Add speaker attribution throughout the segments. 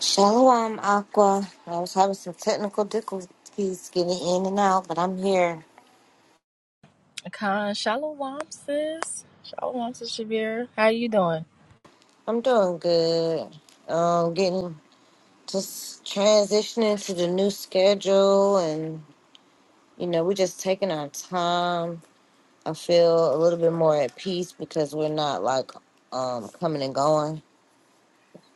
Speaker 1: Shalom, Aqua. I was having some technical difficulties getting in and out, but I'm here.
Speaker 2: Con Shalom, sis. Shalom, sis Shabir. How you doing?
Speaker 1: I'm doing good. Um, getting just transitioning to the new schedule, and you know, we're just taking our time. I feel a little bit more at peace because we're not like um coming and going.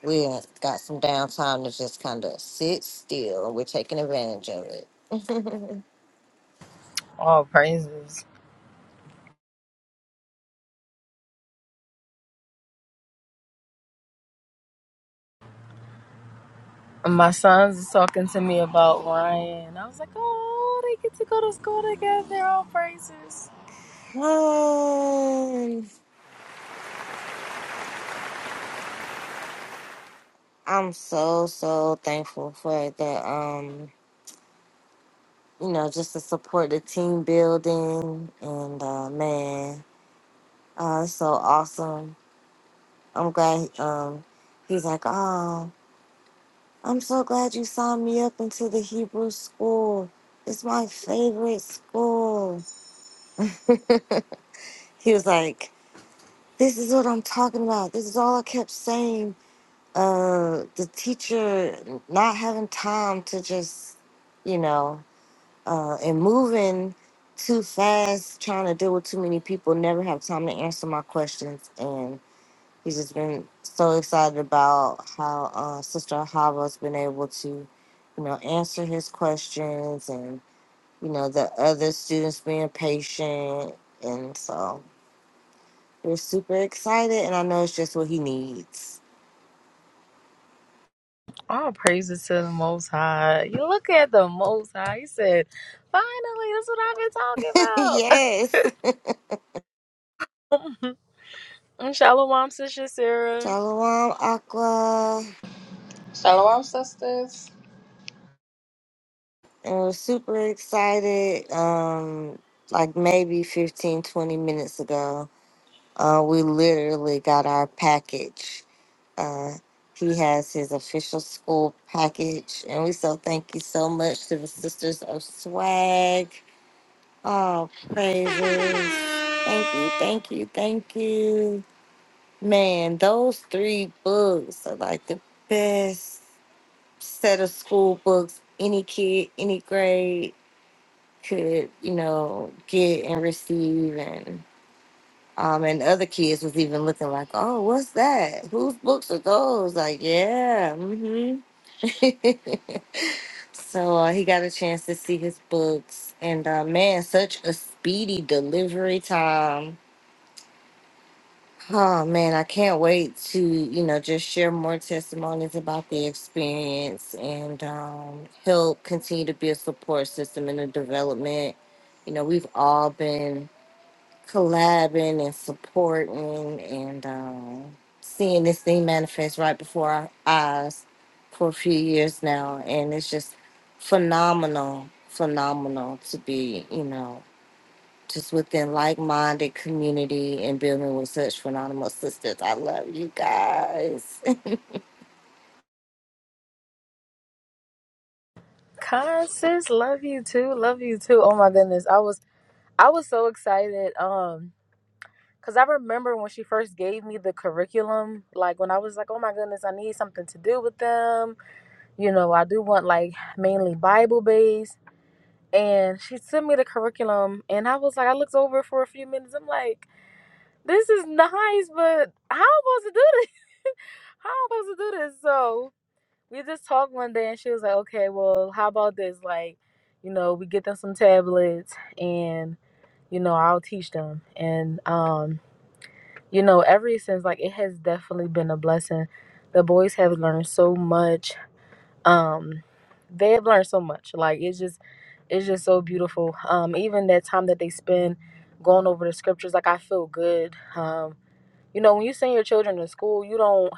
Speaker 1: We got some downtime to just kind of sit still, and we're taking advantage of it.
Speaker 2: All praises. My sons is talking to me about Ryan. I was like, oh, they get to go to school together. All praises.
Speaker 1: Um, I'm so so thankful for the um you know just to support the team building and uh man uh it's so awesome. I'm glad um he's like oh I'm so glad you signed me up into the Hebrew school. It's my favorite school. he was like this is what I'm talking about. This is all I kept saying. Uh the teacher not having time to just you know uh, and moving too fast, trying to deal with too many people, never have time to answer my questions. And he's just been so excited about how uh, Sister Hava's been able to, you know, answer his questions and, you know, the other students being patient. And so we're super excited. And I know it's just what he needs.
Speaker 2: All praises to the Most High. You look at the Most High. He said, finally, that's what I've been talking about.
Speaker 1: yes.
Speaker 2: And Shalom, sis Sarah.
Speaker 1: Shalom, Aqua.
Speaker 3: Shalom, sisters.
Speaker 1: Uh, super excited. Um, like maybe 15, 20 minutes ago, uh, we literally got our package. Uh, he has his official school package, and we so thank you so much to the Sisters of Swag. Oh, praises. Thank you, thank you, thank you. Man, those three books are like the best set of school books any kid, any grade could, you know, get and receive and um and other kids was even looking like, Oh, what's that? Whose books are those? Like, yeah, mm-hmm. so uh, he got a chance to see his books and uh man, such a speedy delivery time. Oh man, I can't wait to, you know, just share more testimonies about the experience and um, help continue to be a support system in the development. You know, we've all been collabing and supporting and um, seeing this thing manifest right before our eyes for a few years now. And it's just phenomenal, phenomenal to be, you know, just within like-minded community and building with such phenomenal sisters. I love you guys.
Speaker 2: Con, sis, love you too. Love you too. Oh my goodness, I was I was so excited. Um. Cause I remember when she first gave me the curriculum, like when I was like, oh my goodness, I need something to do with them. You know, I do want like mainly Bible based. And she sent me the curriculum, and I was like, I looked over for a few minutes. I'm like, this is nice, but how am I supposed to do this? How am I supposed to do this? So we just talked one day, and she was like, okay, well, how about this? Like, you know, we get them some tablets, and you know, I'll teach them. And um, you know, ever since like it has definitely been a blessing. The boys have learned so much. Um, they have learned so much. Like it's just it's just so beautiful. Um, even that time that they spend going over the scriptures, like I feel good. Um, you know, when you send your children to school, you don't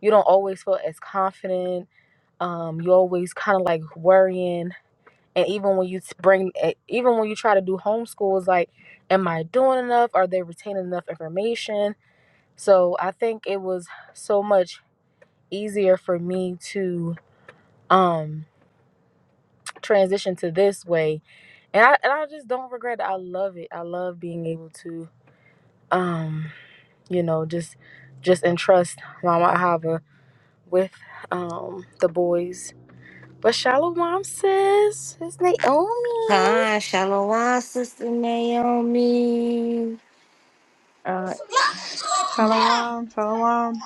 Speaker 2: you don't always feel as confident. Um, you always kind of like worrying, and even when you bring, eh, even when you try to do homeschool, it's like, am I doing enough? Are they retaining enough information? So I think it was so much easier for me to um transition to this way. And I and I just don't regret it. I love it. I love being able to um, you know, just just entrust Mama Ahava with um the boys. But Shalom says it's Naomi.
Speaker 1: Hi, Shalom, Sister Naomi. Uh,
Speaker 4: Shalom, shalom,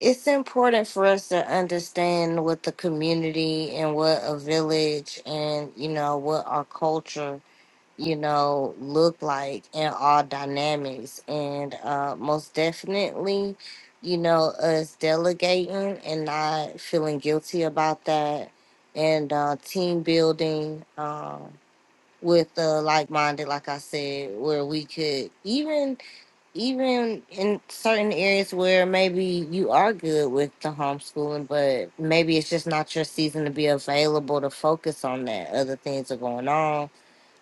Speaker 1: it's important for us to understand what the community and what a village and, you know, what our culture you know, look like in all dynamics. And uh, most definitely, you know, us delegating and not feeling guilty about that and uh, team building um, with the like-minded, like I said, where we could even, even in certain areas where maybe you are good with the homeschooling, but maybe it's just not your season to be available to focus on that. Other things are going on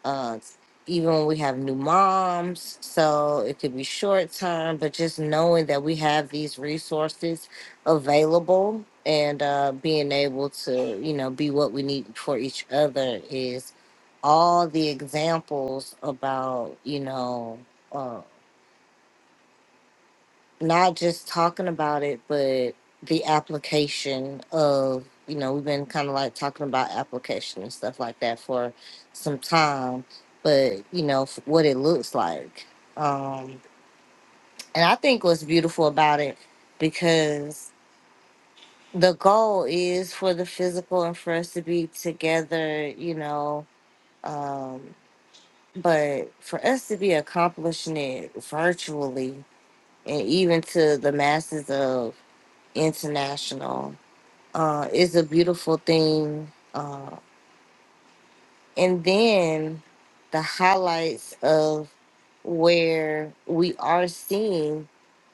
Speaker 1: uh, even when we have new moms. So it could be short time, but just knowing that we have these resources available and uh, being able to, you know, be what we need for each other is all the examples about, you know. uh, not just talking about it, but the application of, you know, we've been kind of like talking about application and stuff like that for some time, but, you know, f- what it looks like. Um, and I think what's beautiful about it because the goal is for the physical and for us to be together, you know, um, but for us to be accomplishing it virtually and even to the masses of international uh, is a beautiful thing. Uh, and then the highlights of where we are seeing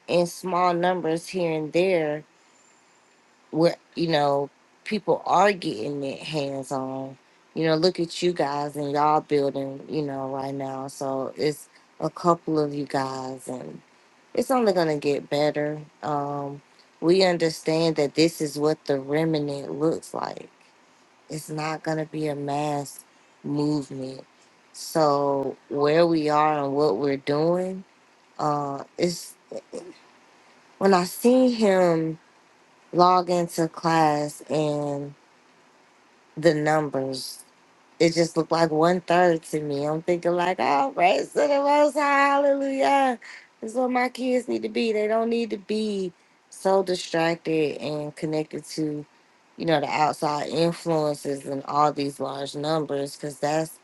Speaker 1: in small numbers here and there, where, you know, people are getting it hands on. You know, look at you guys and y'all building, you know, right now. So it's a couple of you guys it's only going to get better. Um, we understand that this is what the remnant looks like. It's not going to be a mass movement. So where we are and what we're doing, uh, is when I see him log into class and the numbers. It just looked like one third to me. I'm thinking like, oh, praise to the Most High, hallelujah. That's what my kids need to be. They don't need to be so distracted and connected to, you know, the outside influences and all these large numbers, because that's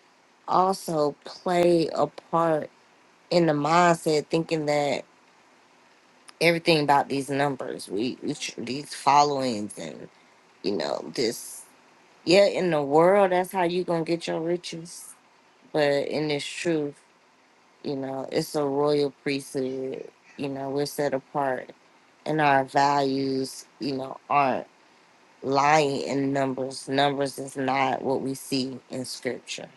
Speaker 1: also play a part in the mindset, thinking that everything about these numbers, we, we tr- these followings, and you know, this. Yeah, in the world, that's how you gonna get your riches but in this truth, you know, it's a royal priesthood. You know, we're set apart, and our values, you know, aren't lying in numbers. Numbers is not what we see in scripture.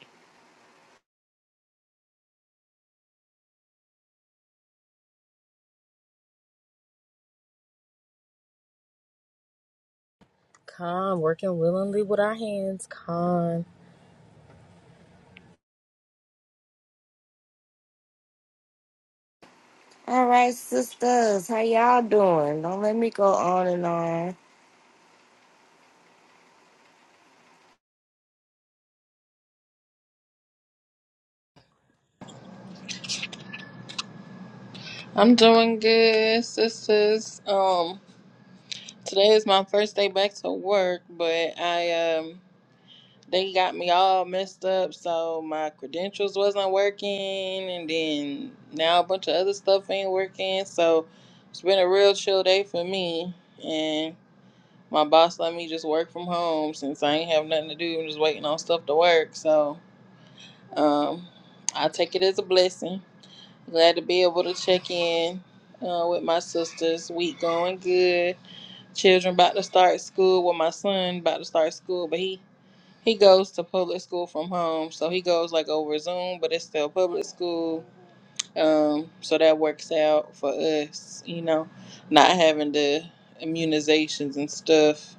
Speaker 2: Con working willingly with our hands. Con.
Speaker 1: All right, sisters, how y'all doing? Don't let me go on and on.
Speaker 3: I'm doing good, sisters. Um, today is my first day back to work, but I um they got me all messed up, so my credentials wasn't working, and then now a bunch of other stuff ain't working. So it's been a real chill day for me, and my boss let me just work from home since I ain't have nothing to do. I'm just waiting on stuff to work, so um, I take it as a blessing. Glad to be able to check in uh, with my sisters. Week going good. Children about to start school. Well, my son about to start school, but he he goes to public school from home, so he goes like over Zoom, but it's still public school. Um, so that works out for us, you know, not having the immunizations and stuff.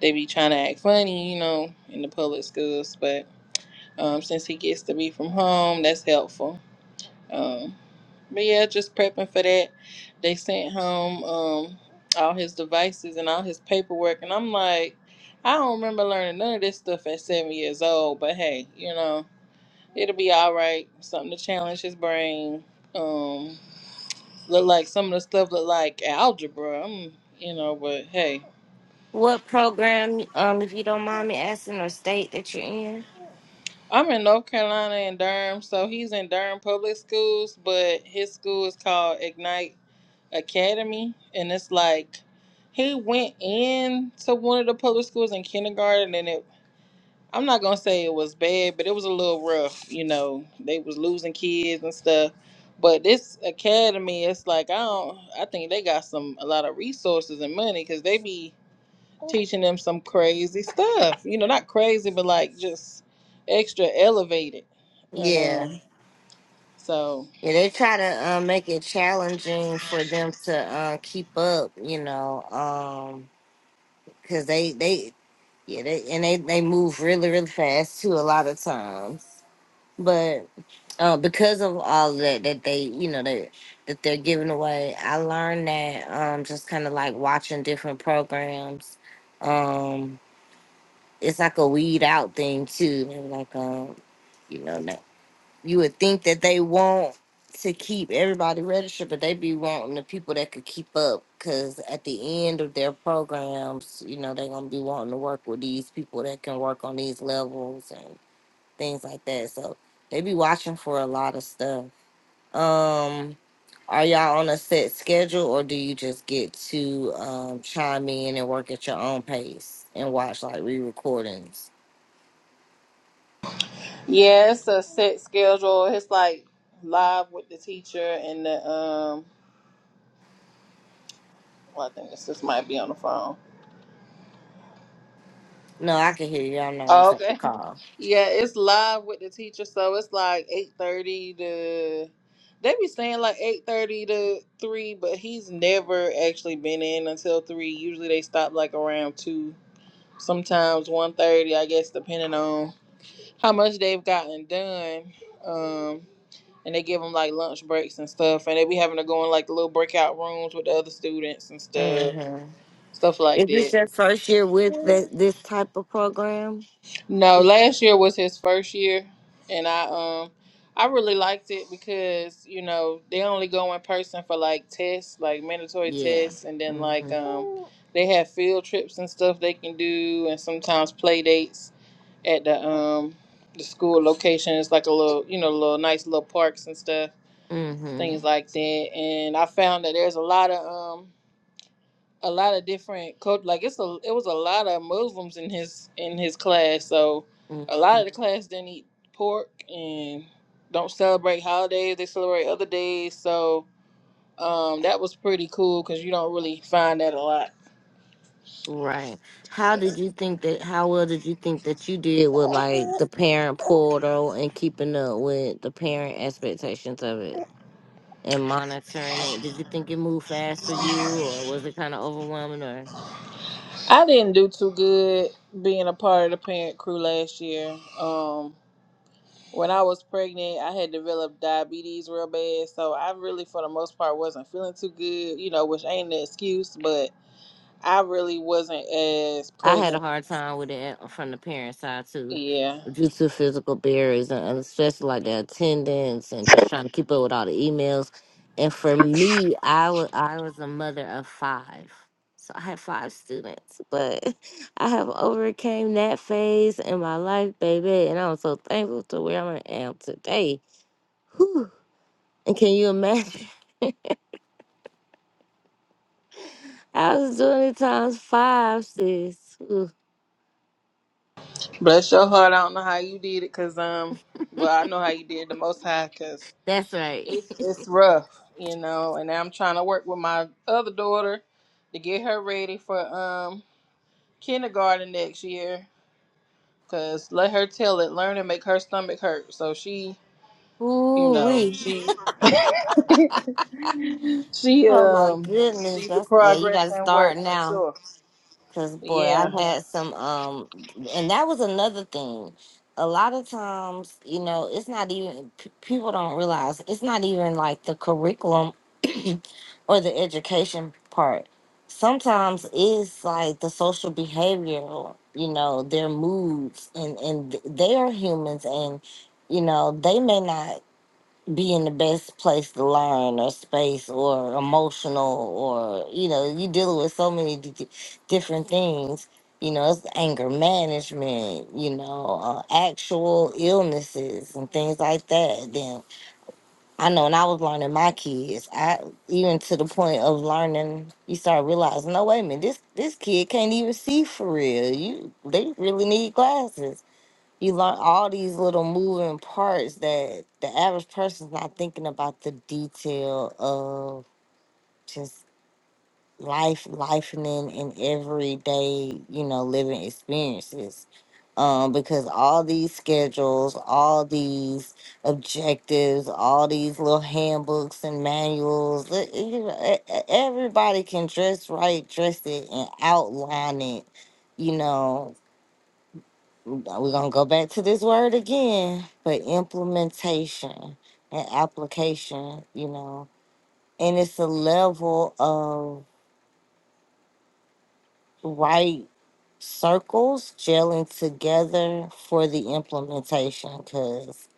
Speaker 3: They be trying to act funny, you know, in the public schools, but um, since he gets to be from home, that's helpful. Um. But yeah, just prepping for that. They sent home um, all his devices and all his paperwork, and I'm like, I don't remember learning none of this stuff at seven years old. But hey, you know, it'll be all right. Something to challenge his brain. Um, look like some of the stuff look like algebra. i you know, but hey.
Speaker 1: What program, um, if you don't mind me asking, or state that you're in?
Speaker 3: I'm in North Carolina in Durham, so he's in Durham public schools, but his school is called Ignite academy and it's like he went in to one of the public schools in kindergarten and it I'm not gonna say it was bad, but it was a little rough, you know. They was losing kids and stuff. But this academy, it's like I don't I think they got some a lot of resources and money because they be teaching them some crazy stuff. You know, not crazy but like just extra elevated. You
Speaker 1: Yeah,
Speaker 3: know. So
Speaker 1: yeah, they try to uh, make it challenging for them to uh, keep up. You know, um, because they they Yeah, they and they, they move really, really fast too a lot of times. But uh, because of all that that they you know they that they're giving away, I learned that um just kinda like watching different programs. Um it's like a weed out thing too. They're like um you know you would think that they want to keep everybody registered, but they be wanting the people that could keep up. Cause at the end of their programs, you know, they're gonna be wanting to work with these people that can work on these levels and things like that. So they be watching for a lot of stuff. Um, are y'all on a set schedule or do you just get to um chime in and work at your own pace and watch like re recordings?
Speaker 3: Yeah, it's a set schedule. It's like live with the teacher and the um. Well, I think this just might be on the phone.
Speaker 1: No, I can hear you. I know I'll
Speaker 3: Oh,
Speaker 1: take the
Speaker 3: okay.
Speaker 1: call.
Speaker 3: Yeah, it's live with the teacher, so it's like eight thirty to. They be saying like eight thirty to three, but he's never actually been in until three. Usually they stop like around two, sometimes one thirty. I guess depending on how much they've gotten done. Um, and they give them like lunch breaks and stuff, and they be having to go in like the little breakout rooms with the other students and
Speaker 1: Mm
Speaker 3: stuff,
Speaker 1: hmm
Speaker 3: stuff like
Speaker 1: Is
Speaker 3: that.
Speaker 1: this your first year with th- this type of program?
Speaker 3: No, last year was his first year, and I um, I really liked it because you know they only go in person for like tests, like mandatory
Speaker 1: Yeah.
Speaker 3: tests, and then
Speaker 1: mm
Speaker 3: like
Speaker 1: Mhm.
Speaker 3: um, they have field trips and stuff they can do, and sometimes play dates at the um the school locations, like a little you know little nice little parks and stuff
Speaker 1: mm
Speaker 3: things
Speaker 1: Mhm.
Speaker 3: like that. And I found that there's a lot of um a lot of different cult like it's a it was a lot of Muslims in his in his class. So
Speaker 1: mm
Speaker 3: a lot
Speaker 1: Mhm.
Speaker 3: of the class didn't eat pork and don't celebrate holidays. They celebrate other days. So um that was pretty cool because you don't really find that a lot.
Speaker 1: Right. How did you think that? How well did you think that you did with like the parent portal and keeping up with the parent expectations of it and monitoring it? Did you think it moved fast for you, or was it kind of overwhelming?
Speaker 3: I didn't do too good being a part of the parent crew last year. Um When I was pregnant, I had developed diabetes real bad. So I really, for the most part, wasn't feeling too good, you know, which ain't an excuse, but I really wasn't as
Speaker 1: I had a
Speaker 3: present.
Speaker 1: hard time with it from the parent side too,
Speaker 3: Yeah.
Speaker 1: due to physical barriers and and especially like the attendance and just trying to keep up with all the emails. And for me, I was I was a mother of five, so I had five students. But I have overcame that phase in my life, baby, and I'm so thankful to where I am today. Whew. And can you imagine? I was doing it times five, sis. Ooh,
Speaker 3: Bless your heart. I don't know how you did it because, um, well, I know how you did it the most high because
Speaker 1: that's right.
Speaker 3: it's, it's rough, you know. And now I'm trying to work with my other daughter to get her ready for um kindergarten next year because let her tell it, learn and make her stomach hurt. So she you
Speaker 1: Ooh,
Speaker 3: know
Speaker 1: wee.
Speaker 3: she she
Speaker 1: Oh my
Speaker 3: um
Speaker 1: goodness,
Speaker 3: she's a
Speaker 1: that's yeah. You
Speaker 3: progress
Speaker 1: got to
Speaker 3: in work
Speaker 1: start
Speaker 3: for
Speaker 1: now,
Speaker 3: sure
Speaker 1: cause boy, I
Speaker 3: yeah
Speaker 1: Mhm. had some um, and that was another thing. A lot of times, you know, it's not even p- people don't realize it's not even like the curriculum or the education part. Sometimes it's like the social behavior, you know, their moods, and and they are humans, and you know they may not be in the best place to learn or space or emotional or you know you dealing with so many d- d- different things you know it's anger management you know uh, actual illnesses and things like that then i know when i was learning my kids i even to the point of learning you start realizing no wait a minute this this kid can't even see for real you they really need glasses you learn all these little moving parts that the average person's not thinking about the detail of just life, lifening and everyday, you know, living experiences. Um, because all these schedules, all these objectives, all these little handbooks and manuals. li- You know, e- e- everybody can dress right, dress it, and outline it. You know, we're going to go back to this word again, but implementation and application, you know, and it's a level of right circles gelling together for the implementation because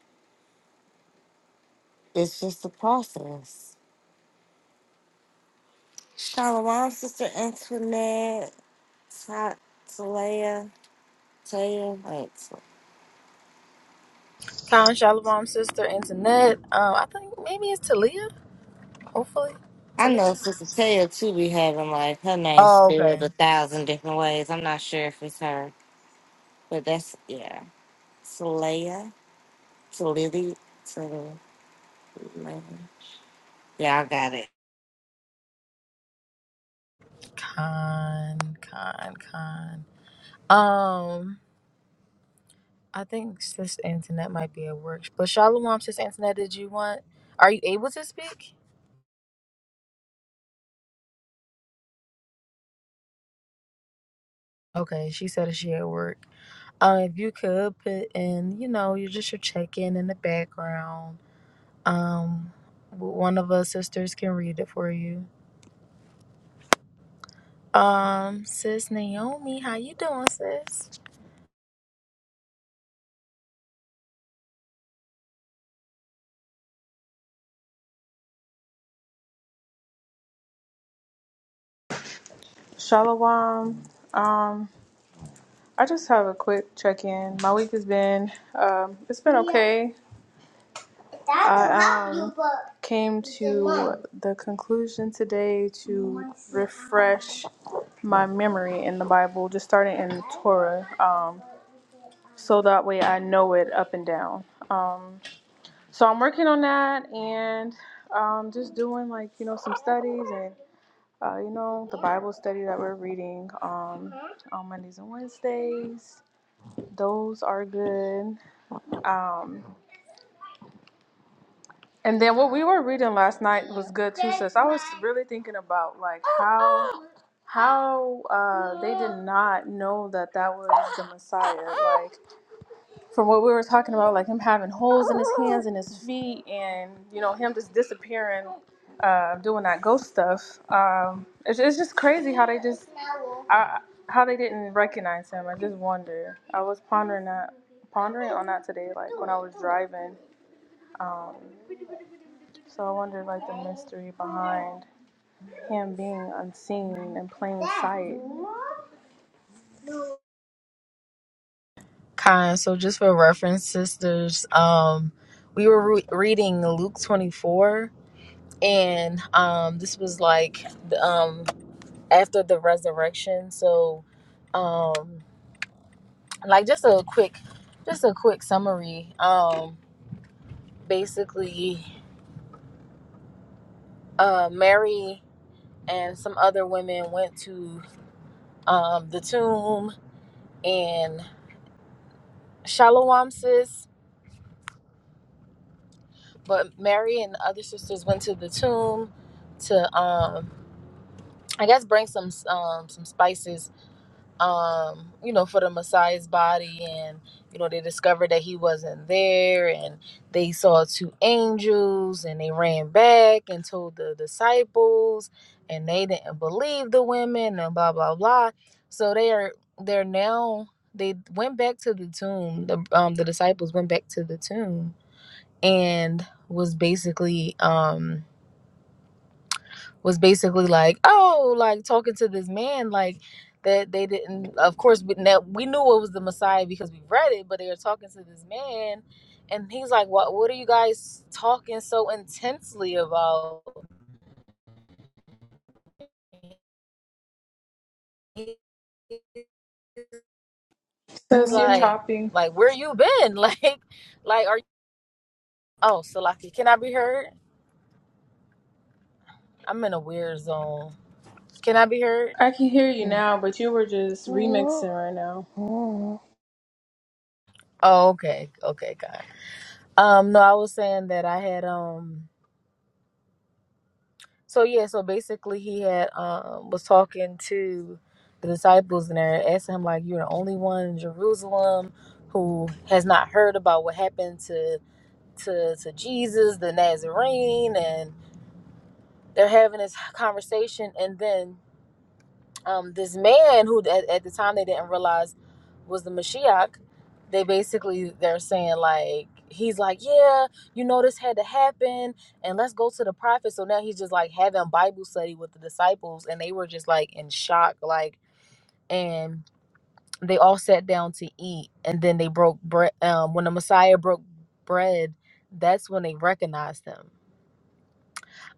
Speaker 1: it's just a process. Shalom, Sister Antoinette, Ta- Talea, Taya. Wait,
Speaker 2: Con Shalom sister internet. Um I think maybe it's Talia, hopefully.
Speaker 1: I
Speaker 2: Talia.
Speaker 1: know Sister Taya too be having like her name
Speaker 2: Oh, okay.
Speaker 1: spelled a thousand different ways. I'm not sure if it's her. But that's yeah. Saleya. Salili. Salili. Y'all got it.
Speaker 2: Con, con, con. Um, I think Sis Antoinette might be at work. But Shalom, Sis Antoinette, did you want? Are you able to speak? Okay, she said that she at work. Um, if you could put in, you know, you just your check in in the background. Um, w- one of us sisters can read it for you. Um, Sis Naomi, how you doing, Sis?
Speaker 4: shalom. Um, I just have a quick check-in. My week has been, um, it's been okay. I um, came to the conclusion today to refresh my memory in the Bible, just starting in Torah, um, so that way I know it up and down. Um, so I'm working on that and um, just doing like you know some studies and. uh, you know, the Bible study that we're reading um, on Mondays and Wednesdays. Those are good. Um, and then what we were reading last night was good too, sis. I was really thinking about like how how uh, they did not know that that was the Messiah. like. from what we were talking about, like him having holes in his hands and his feet, and you know him just disappearing, uh, doing that ghost stuff. Um, it's, it's just crazy how they just I, how they didn't recognize him. I just wonder. I was pondering that, pondering on that today, like when I was driving. Um, so I wonder like the mystery behind him being unseen in plain sight.
Speaker 2: Kind. So just for reference, sisters, um, we were re- reading Luke twenty four and um this was like um after the resurrection so um like just a quick just a quick summary um basically uh mary and some other women went to um the tomb and shalom sis but mary and the other sisters went to the tomb to um i guess bring some um some spices um, you know, for the Messiah's body, and you know, they discovered that he wasn't there, and they saw two angels, and they ran back and told the disciples, and they didn't believe the women, and blah blah blah. So they are they're now they went back to the tomb. The um the disciples went back to the tomb and was basically um was basically like, oh, like talking to this man, like that they didn't. Of course, we, now, we knew it was the Messiah because we read it, but they were talking to this man, and he's like, what What are you guys talking so intensely about? He's
Speaker 4: Sis, you're
Speaker 2: like,
Speaker 4: chopping.
Speaker 2: like where you been? Like, like are you, oh, Salaki, can I be heard? I'm in a weird zone. Can I be heard?
Speaker 4: I can hear you now, but you were just remixing right now.
Speaker 2: Oh, okay, okay, God. Um, no, I was saying that I had um. So yeah, so basically he had um was talking to the disciples and they're asking him like, "You're the only one in Jerusalem who has not heard about what happened to to to Jesus, the Nazarene," and they're having this conversation, and then um, this man who at, at the time they didn't realize was the Mashiach, they basically they're saying like he's like yeah you know this had to happen and let's go to the prophet so now he's just like having bible study with the disciples and they were just like in shock like and they all sat down to eat and then they broke bread um, when the messiah broke bread that's when they recognized him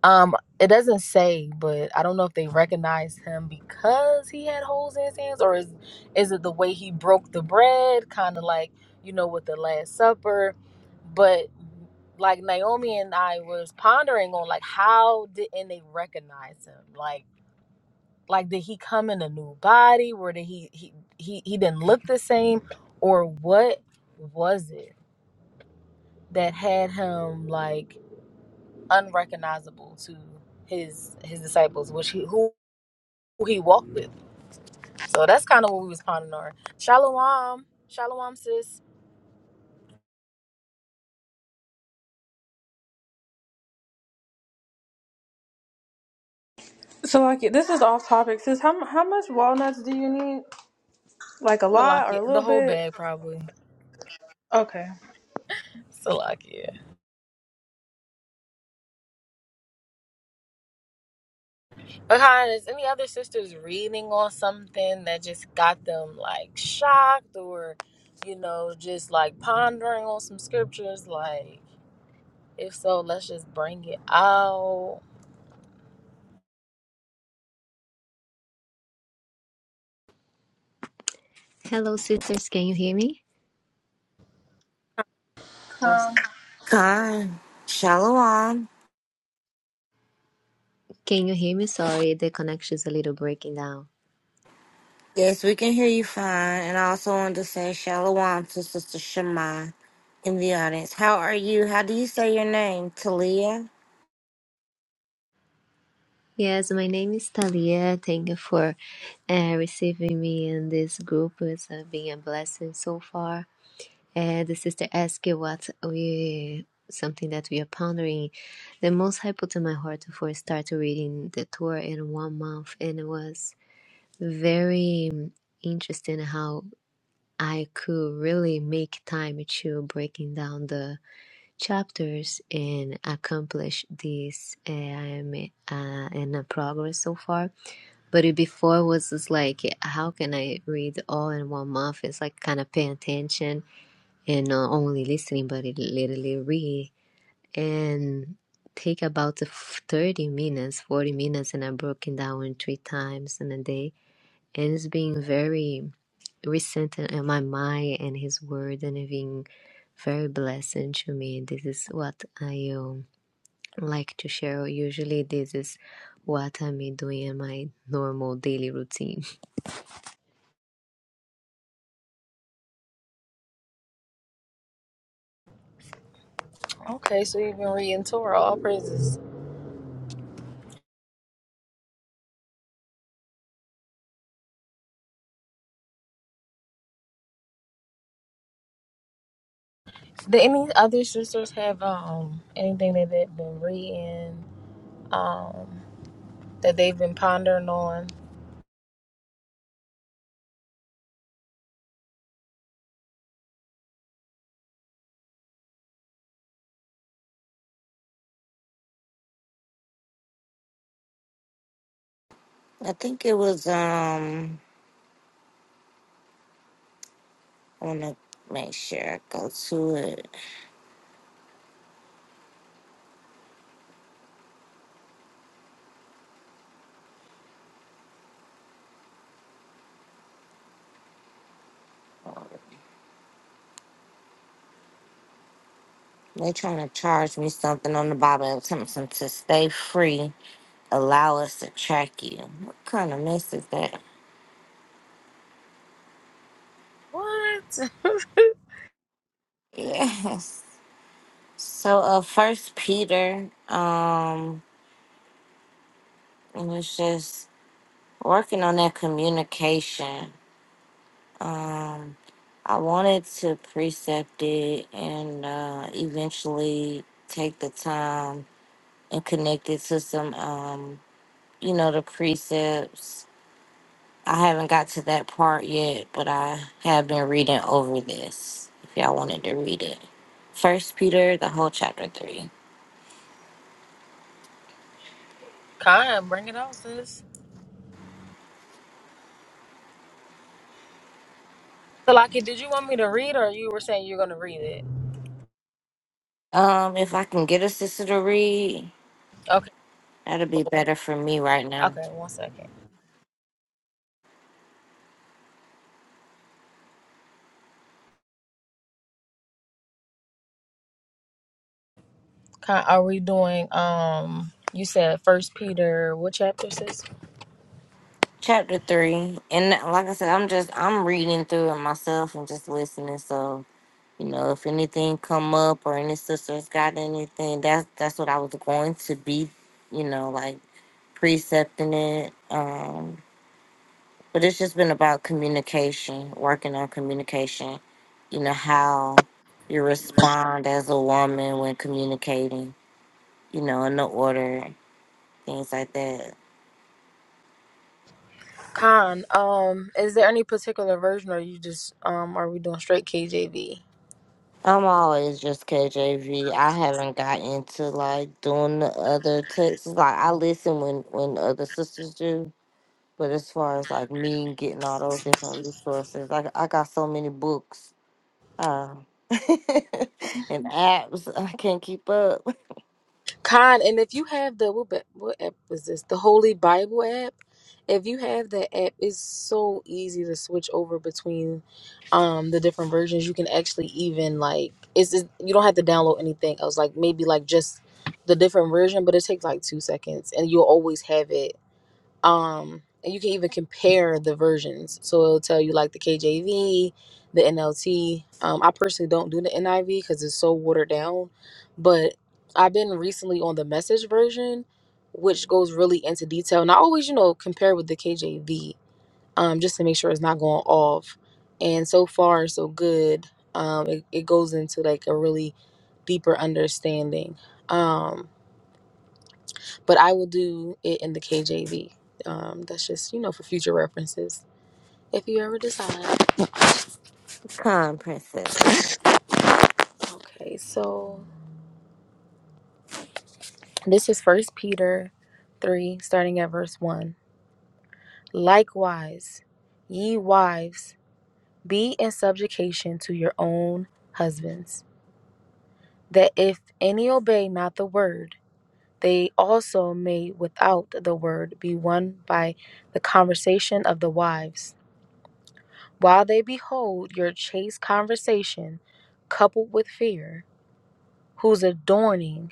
Speaker 2: um, it doesn't say, but I don't know if they recognized him because he had holes in his hands, or is is it the way he broke the bread, kind of like you know with the Last Supper? But like Naomi and I was pondering on like how didn't they recognize him? Like like did he come in a new body? Where did he he he, he didn't look the same, or what was it that had him like? unrecognizable to his his disciples, which he who, who he walked with. So that's kind of what we was pondering on. Shalom, shalom, sis.
Speaker 4: So, like, this is off topic. Sis, how how much walnuts do you need? Like a lot or
Speaker 2: Salakia,
Speaker 4: a
Speaker 2: the
Speaker 4: little
Speaker 2: whole
Speaker 4: bit?
Speaker 2: bag probably.
Speaker 4: Okay.
Speaker 2: Salakia. But kind is any other sisters reading on something that just got them like shocked or, you know, just like pondering on some scriptures? Like, if so, let's just bring it out.
Speaker 5: Hello, sisters. Can you hear me?
Speaker 2: Sis.
Speaker 4: Um,
Speaker 1: Khan. Shalom.
Speaker 5: Can you hear me? Sorry, the connection's a little breaking down.
Speaker 1: Yes, we can hear you fine. And I also wanted to say shalom to Sister Shema in the audience. How are you? How do you say your name? Talia?
Speaker 5: Yes, my name is Talia. Thank you for uh, receiving me in this group. It's uh, been a blessing so far. Uh, the sister asked you what we something that we are pondering. The Most High put in my heart for start reading the Torah in one month, and it was very um, interesting how I could really make time to breaking down the chapters and accomplish this. uh, I'm uh, in a progress so far. But it before was just like, how can I read all in one month? It's like kind of paying attention and not only listening, but it literally read and take about 30 minutes, 40 minutes, and I broke it down in three times in a day and it's been very recent in my mind and his word and it being very blessing to me. This is what I um, like to share. Usually, this is what I'm doing in my normal daily routine.
Speaker 2: Okay, so you've been reading Torah, all praises. Do any other sisters have um anything that they've been reading, um, that they've been pondering on?
Speaker 1: I think it was um I wanna make sure I go to it. They are trying to charge me something on the Bible something to stay free. Allow us to track you. What kind of mess is that?
Speaker 2: What?
Speaker 1: Yes. So uh first Peter, um, and it's just working on that communication. Um I wanted to precept it and uh eventually take the time and connect it to some um you know the precepts. I haven't got to that part yet, but I have been reading over this if y'all wanted to read it. First Peter, the whole chapter three.
Speaker 2: Khan, bring it on, sis. Salaki, did you want me to read or you were saying you're gonna read it?
Speaker 1: Um, if I can get a sister to read,
Speaker 2: Okay,
Speaker 1: that'll be better for me right now.
Speaker 2: okay, one second. Khan, are we doing um you said first Peter what chapter sis?
Speaker 1: Chapter three, and like I said, I'm just I'm reading through it myself and just listening. So you know, if anything come up or any sisters got anything, that's that's what I was going to be, you know, like precepting it. Um, but it's just been about communication, working on communication. You know how you respond as a woman when communicating. You know, in the order things like that.
Speaker 2: Khan, um, is there any particular version or you just um are we doing straight KJV?
Speaker 1: I'm always just KJV. I haven't got into like doing the other texts. Like I listen when when other sisters do, but as far as like me getting all those different resources, like I got so many books um, and apps, I can't keep up.
Speaker 2: Con, and if you have the what, ba- what app was this? The Holy Bible app. If you have that app, it's so easy to switch over between um the different versions. You can actually even like it's, it's you don't have to download anything else. Like maybe like just the different version, but it takes like two seconds, and you'll always have it um and you can even compare the versions so it'll tell you like the kjv the nlt um i personally don't do the niv because it's so watered down but i've been recently on the message version which goes really into detail and i always you know compare with the kjv um just to make sure it's not going off and so far so good um it, it goes into like a really deeper understanding Um, but I will do it in the KJV. Um, that's just you know for future references if you ever decide.
Speaker 1: Con princess.
Speaker 2: Okay, so this is First Peter three, starting at verse one. Likewise, ye wives, be in subjection to your own husbands, that if any obey not the word, they also may without the word be won by the conversation of the wives While they behold your chaste conversation coupled with fear, whose adorning,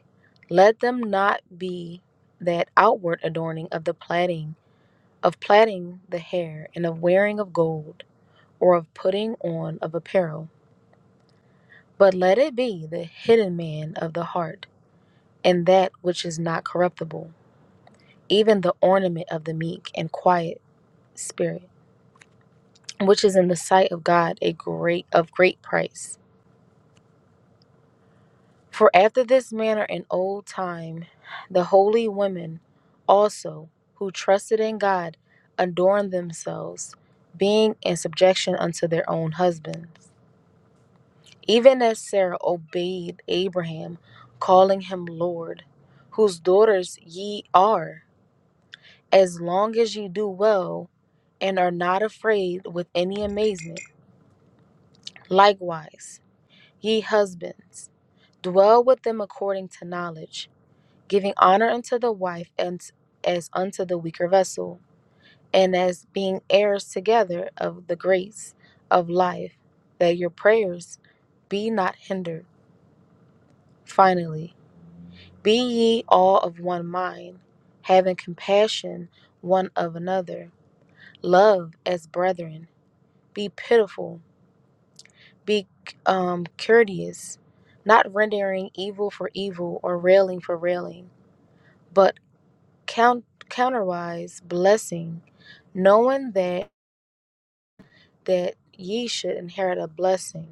Speaker 2: let them not be that outward adorning of the plaiting, of plaiting the hair, and of wearing of gold, or of putting on of apparel, but let it be the hidden man of the heart, and that which is not corruptible, even the ornament of the meek and quiet spirit, which is in the sight of God a great of great price. For after this manner in old time, the holy women also, who trusted in God, adorned themselves, being in subjection unto their own husbands. Even as Sarah obeyed Abraham, calling him Lord, whose daughters ye are, as long as ye do well and are not afraid with any amazement. Likewise, ye husbands, dwell with them according to knowledge giving honor unto the wife and as unto the weaker vessel, and as being heirs together of the grace of life, that your prayers be not hindered. Finally, be ye all of one mind, having compassion one of another, love as brethren, be pitiful, be um, courteous, not rendering evil for evil or railing for railing but count counterwise blessing knowing that that ye should inherit a blessing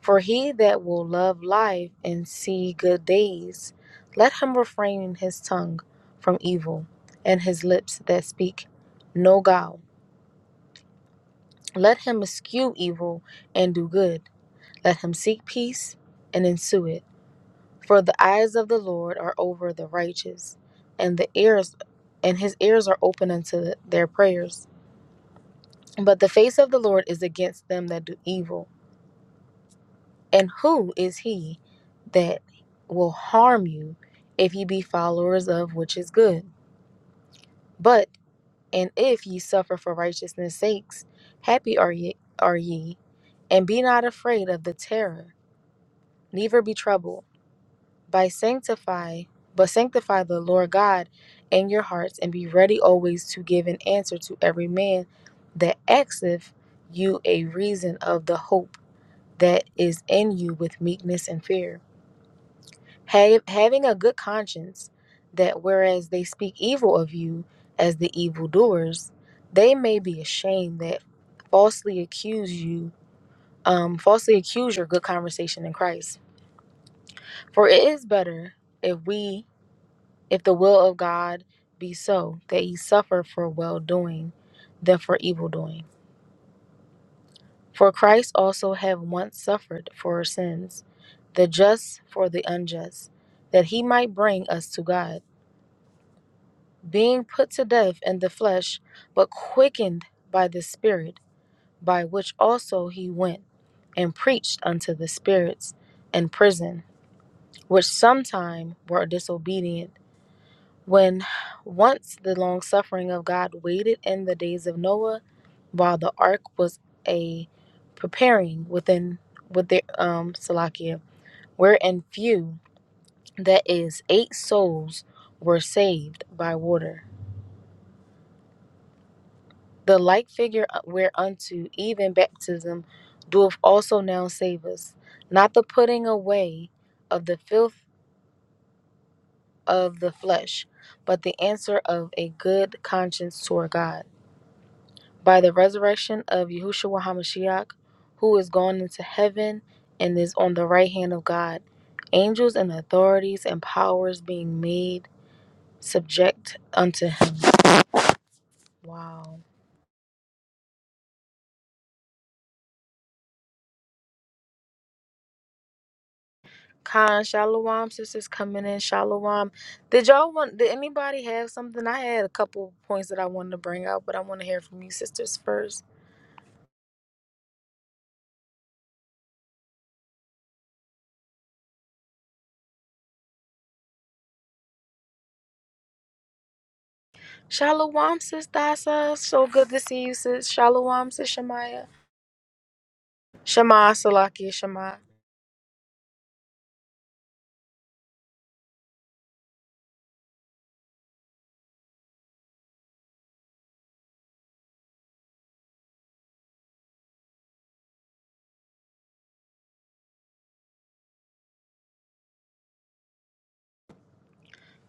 Speaker 2: for he that will love life and see good days let him refrain his tongue from evil and his lips that speak no guile let him eschew evil and do good let him seek peace and ensue it for the eyes of the lord are over the righteous and the ears and his ears are open unto their prayers But the face of the Lord is against them that do evil. And who is he that will harm you if ye be followers of which is good? But and if ye suffer for righteousness' sakes, happy are ye are ye, and be not afraid of the terror, neither be troubled. By sanctify but sanctify the Lord God in your hearts, and be ready always to give an answer to every man that asketh you a reason of the hope that is in you with meekness and fear, ha- having a good conscience, that whereas they speak evil of you as the evildoers, they may be ashamed that falsely accuse you, um, falsely accuse your good conversation in Christ. For it is better if we, if the will of God be so, that ye suffer for well doing than for evil doing. For Christ also have once suffered for our sins, the just for the unjust, that he might bring us to God, being put to death in the flesh, but quickened by the Spirit, by which also he went and preached unto the spirits in prison, which sometime were disobedient When once the long suffering of God waited in the days of Noah, while the ark was a preparing within with their um Salakia, wherein few, that is, eight souls were saved by water. The like figure uh, whereunto even baptism doeth also now save us, not the putting away of the filth of the flesh, but the answer of a good conscience toward God. by the resurrection of Yahushua HaMashiach, who is gone into heaven and is on the right hand of God, angels and authorities and powers being made subject unto him. Wow. Khan, Shalom, sisters coming in. Shalom. Did y'all want, did anybody have something? I had a couple points that I wanted to bring out, but I want to hear from you sisters first. Shalom, sis Dasa. So good to see you, sis. Shalom, sis Shemaya. Shema, Salakia, Shema.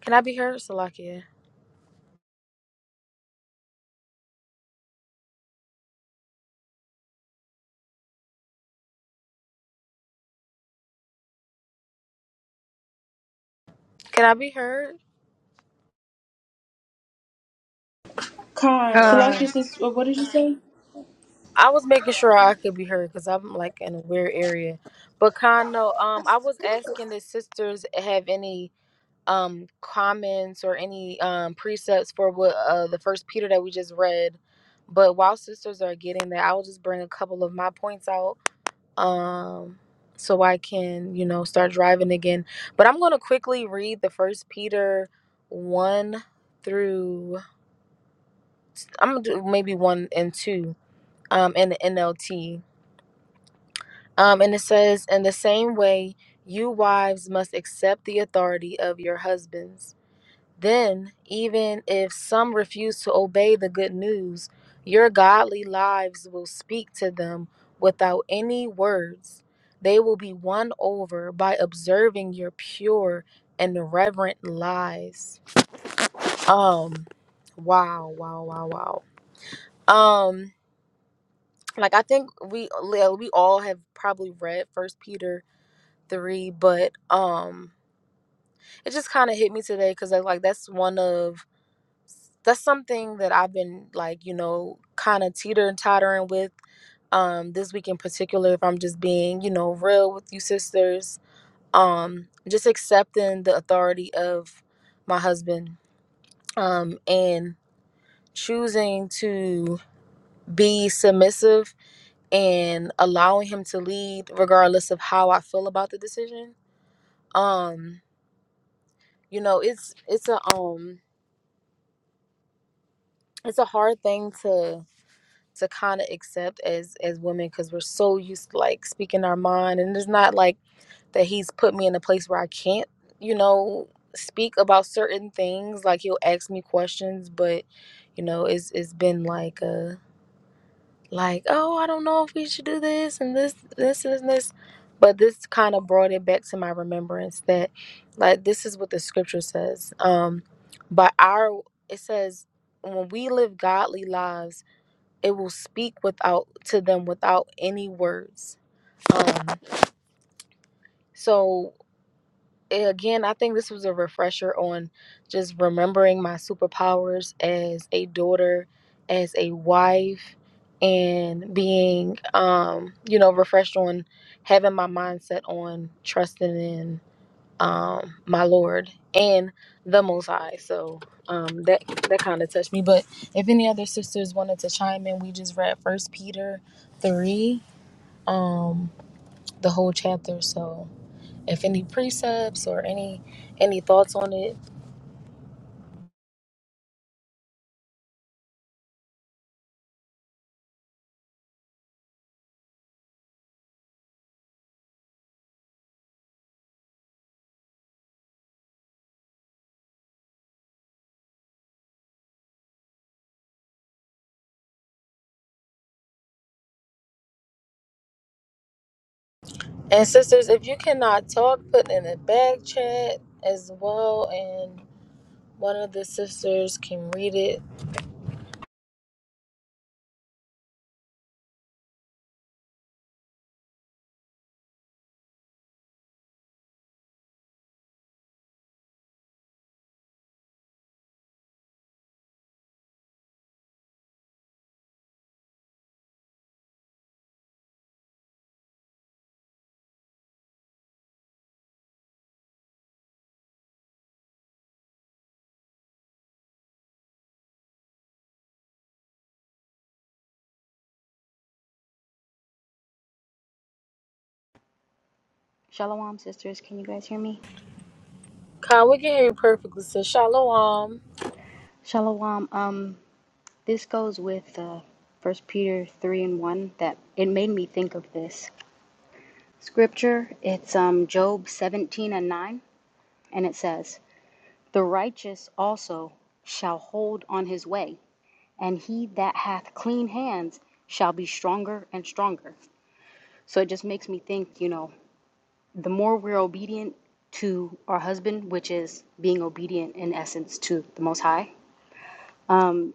Speaker 2: Can I be heard, Salakia? Can I be heard?
Speaker 4: Khan,
Speaker 3: Uh,
Speaker 4: Salaki, sis, what what did you say?
Speaker 2: I was making sure I could be heard because I'm like in a weird area. But Kano, um, I was asking if sisters have any um comments or any um precepts for what uh the first Peter that we just read. But while sisters are getting that, I'll just bring a couple of my points out. Um so I can, you know, start driving again. But I'm gonna quickly read the first Peter one through I'm gonna do maybe one and two um, in the NLT. Um, and it says, In the same way, you wives must accept the authority of your husbands. Then, even if some refuse to obey the good news, your godly lives will speak to them without any words. They will be won over by observing your pure and reverent lives. Um, wow, wow, wow, wow. Um, like I think we yeah, we all have probably read First Peter three, but um, it just kind of hit me today because like like, that's one of that's something that I've been like you know kind of teeter and tottering with um this week in particular. If I'm just being you know real with you sisters, um, just accepting the authority of my husband, um, and choosing to be submissive and allowing him to lead regardless of how I feel about the decision. Um, you know, it's it's a um it's a hard thing to to kind of accept as as women because we're so used to like speaking our mind and it's not like that he's put me in a place where I can't, you know, speak about certain things like he'll ask me questions but you know it's it's been like a. like, oh, I don't know if we should do this and this, this and this. But this kind of brought it back to my remembrance that, like, this is what the scripture says. Um, but our, it says, when we live godly lives, it will speak without to them without any words. Um, so again, I think this was a refresher on just remembering my superpowers as a daughter, as a wife, and being, um, you know, refreshed on having my mindset on trusting in um, my Lord and the Most High. So um, that that kind of touched me. But if any other sisters wanted to chime in, we just read First Peter three, um, the whole chapter. So if any precepts or any any thoughts on it and sisters if you cannot talk put in the back chat as well and one of the sisters can read it
Speaker 6: Shalom, sisters. Can you guys hear me?
Speaker 2: khan we can hear you perfectly sis shalom
Speaker 6: Shalom. Um, this goes with uh, 1 Peter 3 and 1 that it made me think of this scripture. It's um, Job 17 and 9, and it says, The righteous also shall hold on his way, and he that hath clean hands shall be stronger and stronger. So it just makes me think, you know, the more we're obedient to our husband, which is being obedient in essence to the Most High,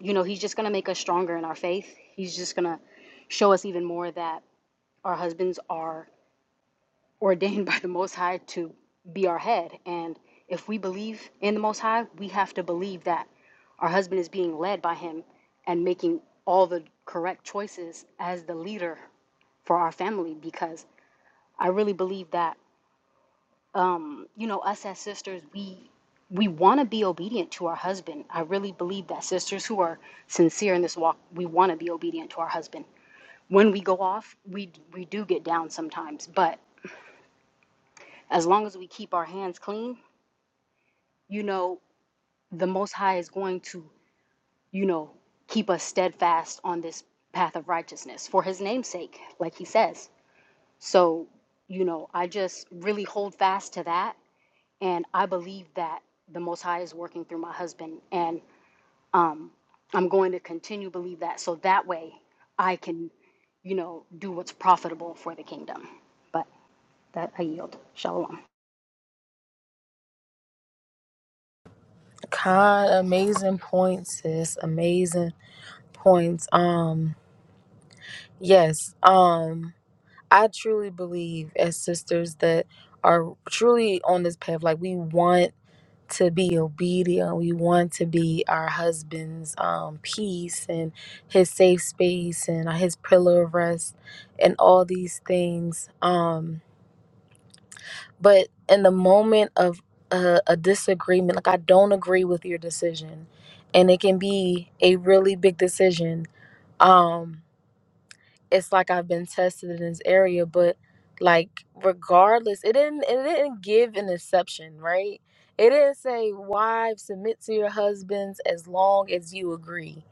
Speaker 6: you know, he's just going to make us stronger in our faith. He's just going to show us even more that our husbands are ordained by the Most High to be our head. And if we believe in the Most High, we have to believe that our husband is being led by him and making all the correct choices as the leader for our family because I really believe that, you know, us as sisters, we we want to be obedient to our husband. I really believe that sisters who are sincere in this walk, we want to be obedient to our husband. when we go off, we we do get down sometimes, but as long as we keep our hands clean, you know, the most high is going to, you know, keep us steadfast on this path of righteousness for his name's sake, like he says. So, you know, I just really hold fast to that and I believe that the most high is working through my husband and. Um, I'm going to continue to believe that so that way I can, you know, do what's profitable for the kingdom. But that I yield. Shalom.
Speaker 2: khan amazing points sis amazing points um yes um i truly believe as sisters that are truly on this path like we want to be obedient. We want to be our husband's um, peace and his safe space and uh, his pillar of rest and all these things. Um, but in the moment of a, a disagreement, like I don't agree with your decision, and it can be a really big decision. Um, it's like I've been tested in this area, but like regardless, it didn't it didn't give an exception, right? It didn't say wives submit to your husbands as long as you agree,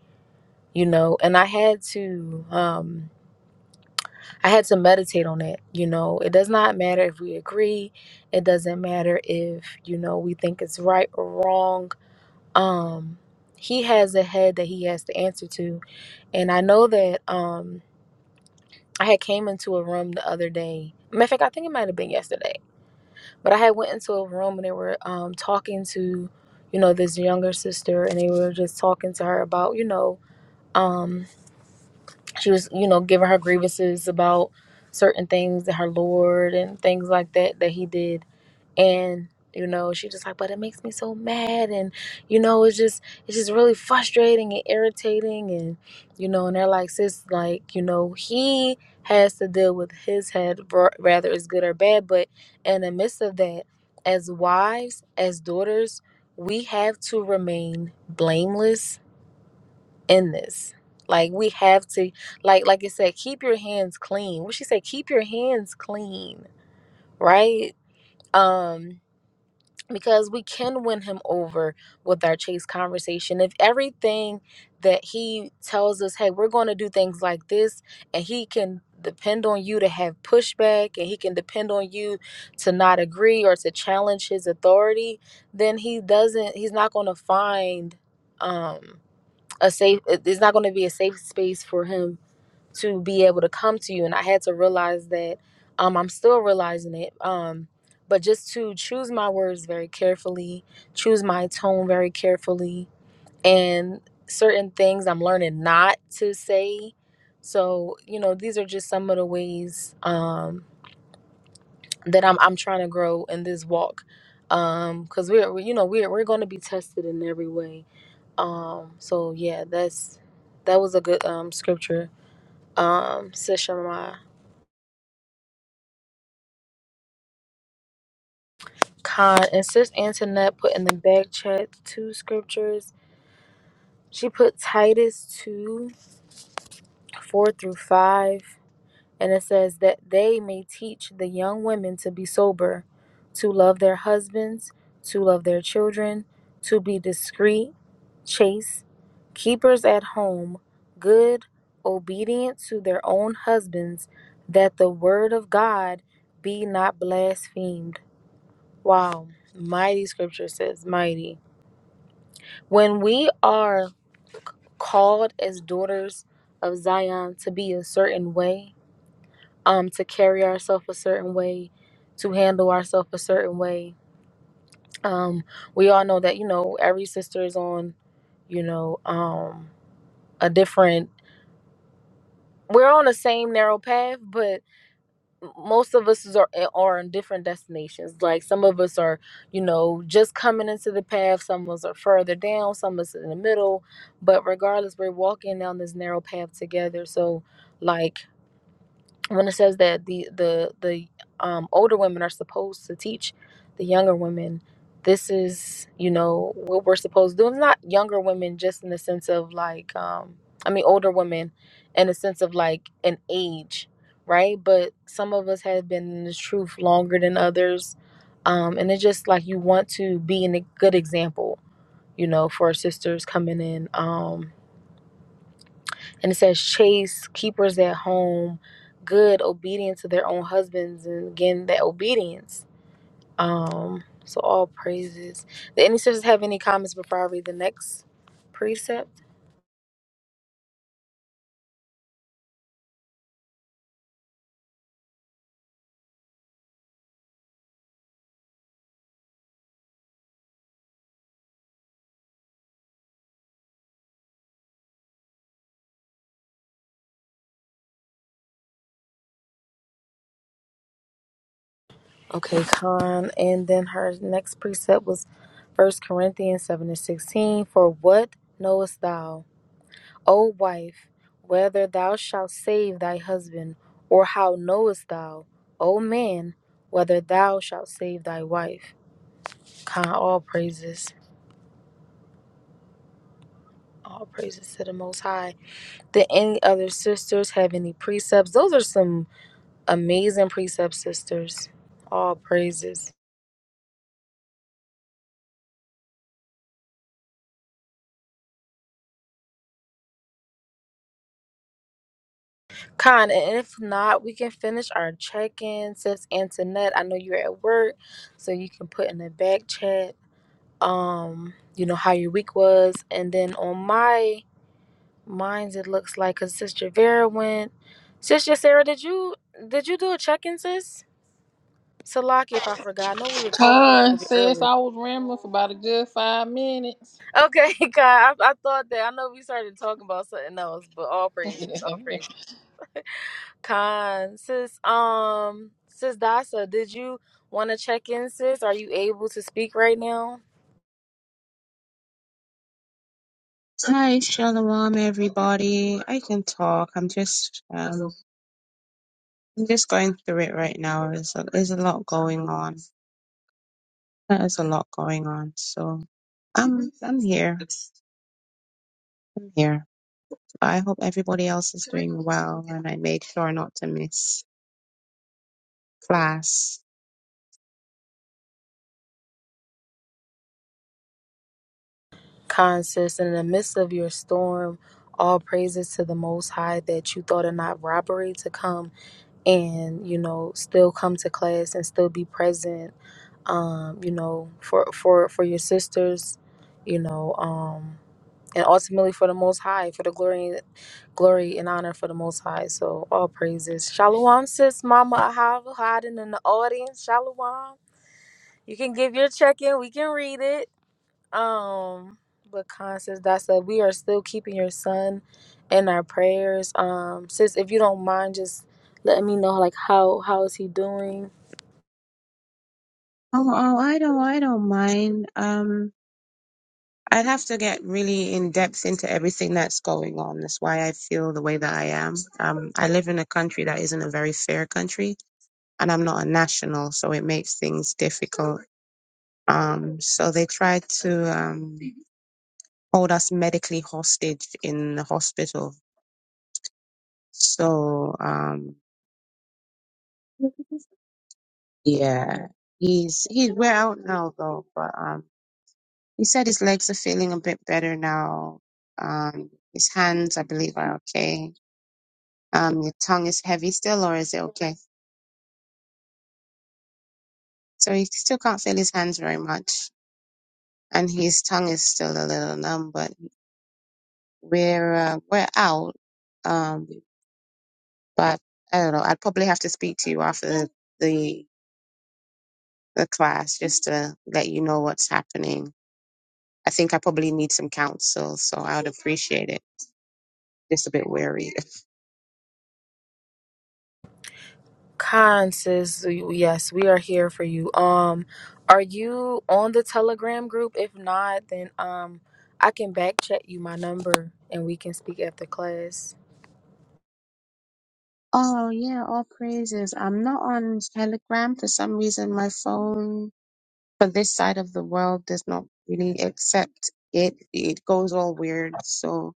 Speaker 2: you know. And I had to um I had to meditate on that, you know. It does not matter if we agree. It doesn't matter if, you know, we think it's right or wrong. Um he has a head that he has to answer to. And I know that um I had came into a room the other day. Matter of fact, I think it might have been yesterday. But I had went into a room and they were um, talking to, you know, this younger sister, and they were just talking to her about, you know, um, she was, you know, giving her grievances about certain things that her lord and things like that that he did and you know she just like but it makes me so mad and you know it's just it's just really frustrating and irritating and you know and they're like sis like you know he has to deal with his head r- rather it's good or bad but in the midst of that as wives as daughters we have to remain blameless in this like we have to like like I said keep your hands clean what she said keep your hands clean right um because we can win him over with our chase conversation. If everything that he tells us, hey, we're going to do things like this, and he can depend on you to have pushback and he can depend on you to not agree or to challenge his authority, then he doesn't, he's not going to find um, a safe, it's not going to be a safe space for him to be able to come to you and i had to realize that um, i'm still realizing it um, but just to choose my words very carefully choose my tone very carefully and certain things i'm learning not to say so you know these are just some of the ways um, that i'm, I'm trying to grow in this walk Um, because we're we- you know we're, we're going to be tested in every way um, so yeah that's that was a good um, scripture um, Sisha Con and Sis Antoinette put in the back chat two scriptures. She put Titus 2 4 through 5, and it says that they may teach the young women to be sober, to love their husbands, to love their children, to be discreet, chaste, keepers at home, good, obedient to their own husbands, that the word of God be not blasphemed. Wow. Mighty scripture says, mighty. When we are called as daughters of Zion to be a certain way, um, to carry ourselves a certain way, to handle ourselves a certain way, um, we all know that you know every sister is on, you know, um, a different. We're on the same narrow path, but. m- most of us is- are eh, are in different destinations. Like some of us are, you know, just coming into the path. Some of us are further down. Some of us in the middle. But regardless, we're walking down this narrow path together. So, like when it says that the the the um, older women are supposed to teach the younger women this is you know what we're supposed to do it's not younger women just in the sense of like um i mean older women in the sense of like an age right but some of us have been in the truth longer than others um and it's just like you want to be in a good example you know for sisters coming in um and it says chase keepers at home good obedient to their own husbands and again that obedience um so all praises do any sisters have any comments before i read the next precept okay con and then her next precept was first corinthians 7 and 16 for what knowest thou o wife whether thou shalt save thy husband or how knowest thou o man whether thou shalt save thy wife Con all praises, all praises to the Most High. Did any other sisters have any precepts? Those are some amazing precepts, sisters. All praises. Con, and if not, we can finish our check in. Sis Antoinette, I know you're at work, so you can put in the back chat, um, you know, how your week was. And then on my minds, it looks like a Sister Vera went. Sister Sarah, did you did you do a check in, sis? Salaki, if I forgot, I know we were talking a little
Speaker 3: Con
Speaker 2: bit
Speaker 3: says
Speaker 2: earlier.
Speaker 3: i was rambling for about a good five minutes
Speaker 2: Okay, Khan, I, I thought that I know we started talking about something else, but all praises,
Speaker 3: just
Speaker 2: all praises.
Speaker 3: a
Speaker 2: Khan, sis, um, sis Dasa, did you want to check in, sis? Are you able to speak right now?
Speaker 7: Hi, Shalom, everybody. I can talk. I'm just, um, I'm just going through it right now. There's a, there's a lot going on. There's a lot going on. So I'm, I'm here. I'm here. But I hope everybody else is doing well, and I made sure not to miss class.
Speaker 2: Khan, sis, in the midst of your storm, all praises to the Most High that you thought it not robbery to come. and you know still come to class and still be present um you know for for for your sisters you know um and ultimately for the most high for the glory glory and honor for the most high so all praises shalom sis mama ahava hiding in the audience shalom you can give your check in we can read it um, but Constance, that's a we are still keeping your son in our prayers. Um, sis, if you don't mind, just letting me know like how how is he doing?
Speaker 7: Oh, oh, I don't, I don't mind. Um, I'd have to get really in depth into everything that's going on. That's why I feel the way that I am. Um, I live in a country that isn't a very fair country and I'm not a national, so it makes things difficult. Um, so they tried to um, hold us medically hostage in the hospital. So um, yeah, he's he's we're out now though, but um, he said his legs are feeling a bit better now. Um, his hands, I believe, are okay. Um, your tongue is heavy still, or is it okay? So he still can't feel his hands very much, and his tongue is still a little numb, but We're uh, we're out, um, but I don't know. I'd probably have to speak to you after the the class just to let you know what's happening. I think I probably need some counsel, so I would appreciate it. Just a bit weary.
Speaker 2: Constance, yes, we are here for you. Um, are you on the Telegram group? If not, then um, I can back check you my number and we can speak after class.
Speaker 7: Oh yeah, all praises. I'm not on Telegram for some reason. My phone for this side of the world does not really accept it. It goes all weird. So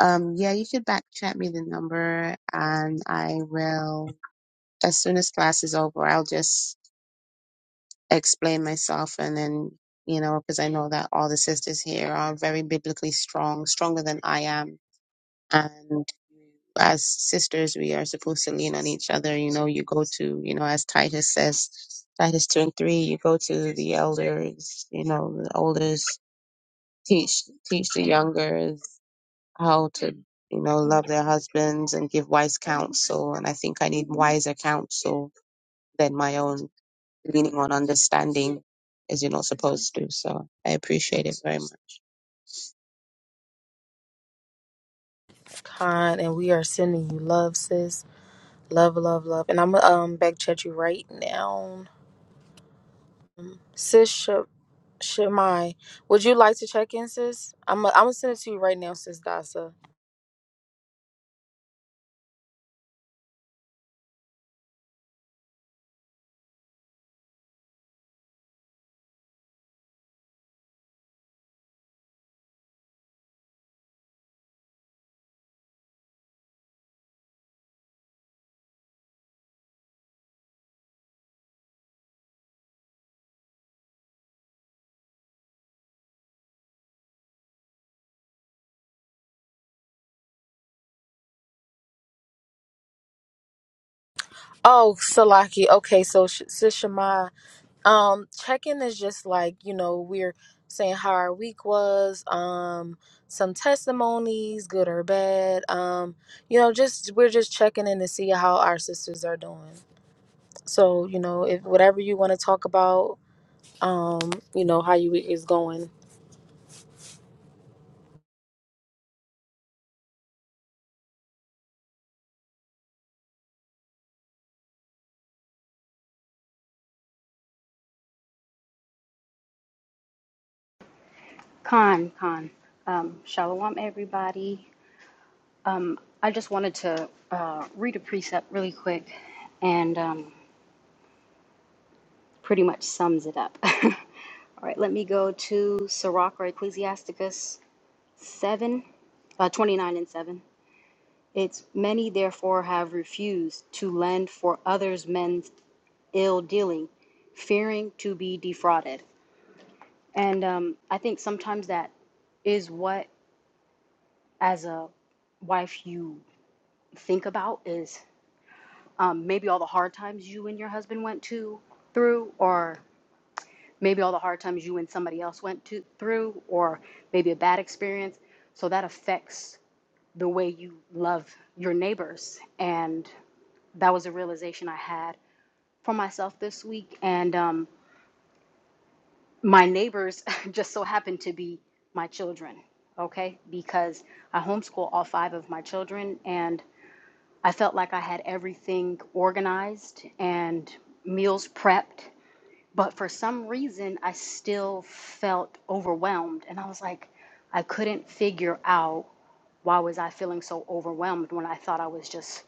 Speaker 7: um, yeah, you should back chat me the number, and I will. as soon as class is over, I'll just explain myself and then, you know, because I know that all the sisters here are very biblically strong, stronger than I am. And as sisters, we are supposed to lean on each other. You know, you go to, you know, as Titus says, Titus 2 and 3, you go to the elders, you know, the elders teach, teach the youngers how to, you know, love their husbands and give wise counsel. And I think I need wiser counsel than my own leaning on understanding as you're not supposed to. So I appreciate it very much.
Speaker 2: Con, and we are sending you love, sis. Love, love, love. And I'm um back chat you right now. Sis Shemai, would you like to check in, sis? I'm i I'm gonna send it to you right now, sis Dasa. Oh, Salaki. Okay, so sh- sis Shemai, um, check in is just like you know we're saying how our week was, um, some testimonies, good or bad, um, you know, just we're just checking in to see how our sisters are doing. So you know, if whatever you want to talk about, um, you know, how your week is going.
Speaker 6: Khan, Khan. Um, shalom, everybody. Um, I just wanted to uh, read a precept really quick and um, pretty much sums it up. All right, let me go to Sirach or Ecclesiasticus 7, uh, 29 and 7. It's many, therefore, have refused to lend for others men's ill dealing, fearing to be defrauded. And um, I think sometimes that is what, as a wife, you think about is um, maybe all the hard times you and your husband went to through, or maybe all the hard times you and somebody else went to through, or maybe a bad experience. So that affects the way you love your neighbors. And that was a realization I had for myself this week. And um, my neighbors just so happen to be my children, okay? Because I homeschool all five of my children and I felt like I had everything organized and meals prepped, but for some reason I still felt overwhelmed and I was like I couldn't figure out why was I feeling so overwhelmed when I thought I was just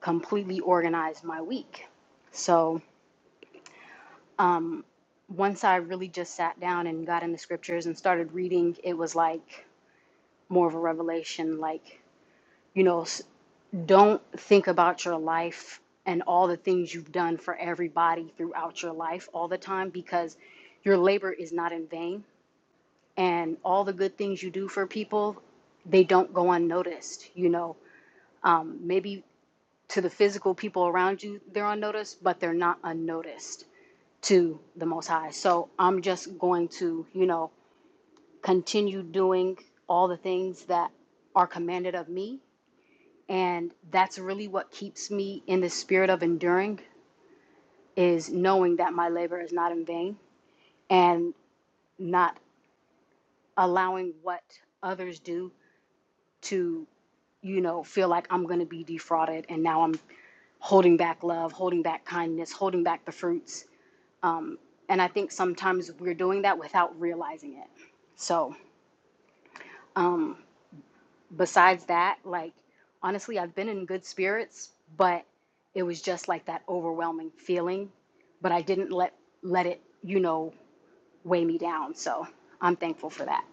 Speaker 6: completely organized my week. So once I really just sat down and got in the scriptures and started reading, it was like more of a revelation. Like, you know, s- don't think about your life and all the things you've done for everybody throughout your life all the time because your labor is not in vain. And all the good things you do for people, they don't go unnoticed. You know, maybe to the physical people around you, they're unnoticed, but they're not unnoticed to the Most High. So I'm just going to, you know, continue doing all the things that are commanded of me and that's really what keeps me in the spirit of enduring is knowing that my labor is not in vain and not allowing what others do to you know feel like i'm going to be defrauded and now i'm holding back love holding back kindness holding back the fruits and i think sometimes we're doing that without realizing it so um, besides that, like honestly, I've been in good spirits, but it was just like that overwhelming feeling. But I didn't let let it, you know, weigh me down. So I'm thankful for that.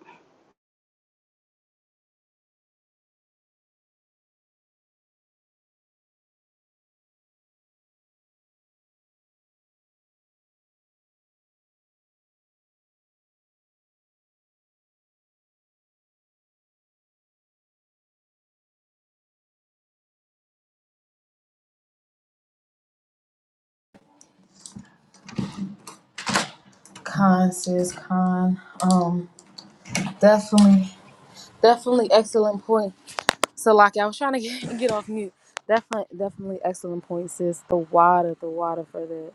Speaker 2: Con sis, con. Um, definitely. Definitely excellent point. So, like, I was trying to get, get off mute. Definitely, definitely excellent point, sis. The water, the water for that.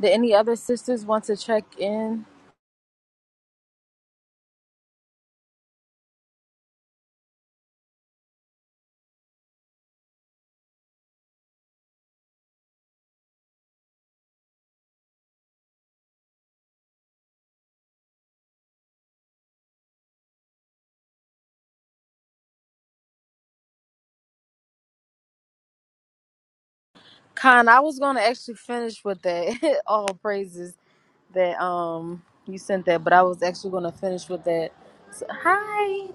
Speaker 2: Did any other sisters want to check in? Con, I was going to actually finish with that. All praises that um you sent that, but I was actually going to finish with that. So, hi,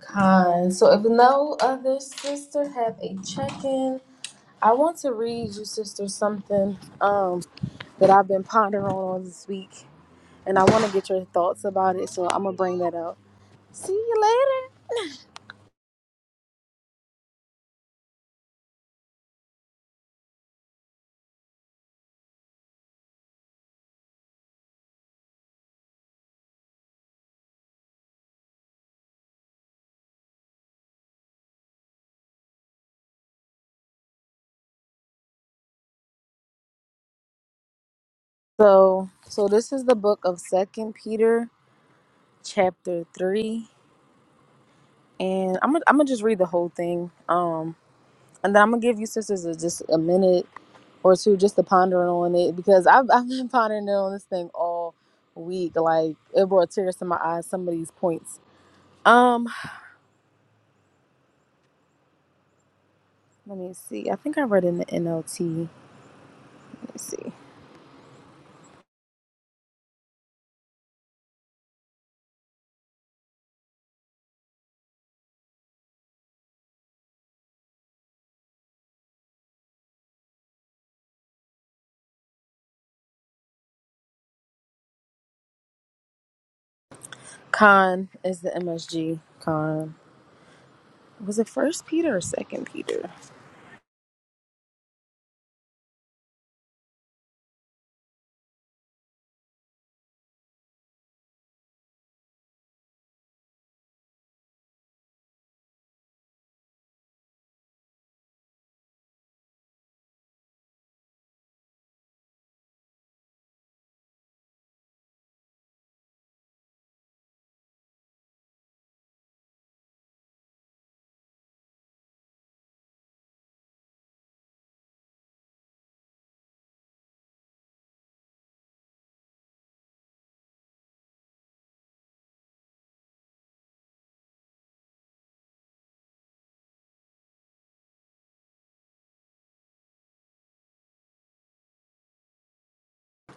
Speaker 2: Con. So, if no other sister have a check in, I want to read you, sister, something um that I've been pondering on all this week. and I want to get your thoughts about it. So I'm gonna bring that up. See you later. So so this is the book of Second Peter, chapter three, and I'm gonna I'm gonna just read the whole thing. Um, and then I'm gonna give you sisters a, just a minute or two just to ponder on it because I've I've been pondering on this thing all week. Like it brought tears to my eyes. Some of these points. Um, let me see. I think I read in the NLT. Let me see. Con is the MSG. Con. was it first peter or second peter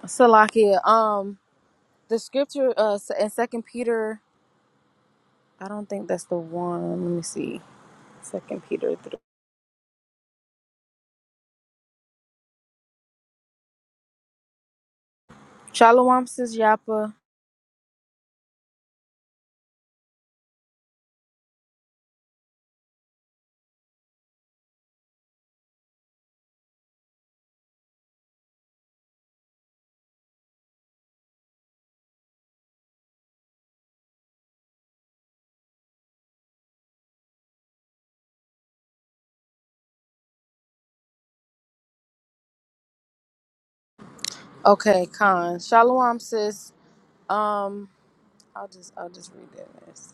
Speaker 2: salakia um the scripture uh s- in second peter i don't think that's the one let me see second peter three. shalom sis yapa okay Khan. shalom sis um i'll just i'll just read this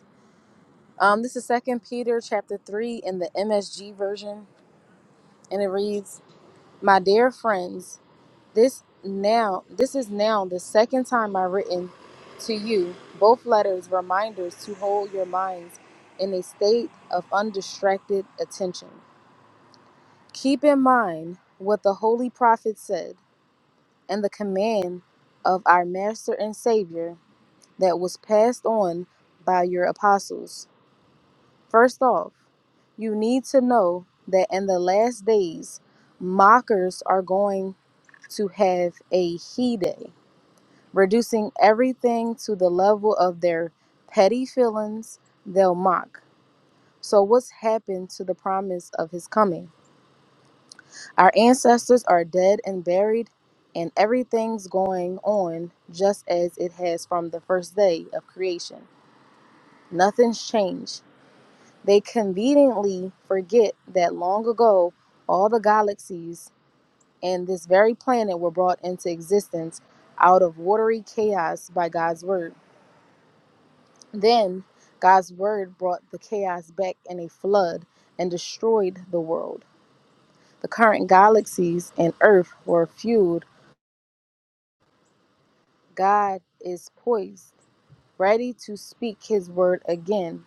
Speaker 2: um this is second peter chapter 3 in the msg version and it reads my dear friends This now this is now the second time I've written to you, both letters reminders to hold your minds in a state of undistracted attention. Keep in mind what the holy prophet said and the command of our master and savior that was passed on by your apostles. First off, you need to know that in the last days mockers are going to have a he day reducing everything to the level of their petty feelings, they'll mock. So, what's happened to the promise of his coming? Our ancestors are dead and buried, and everything's going on just as it has from the first day of creation. Nothing's changed. They conveniently forget that long ago, all the galaxies and this very planet were brought into existence out of watery chaos by God's word. Then God's word brought the chaos back in a flood and destroyed the world. The current galaxies and earth were fueled. God is poised, ready to speak his word again,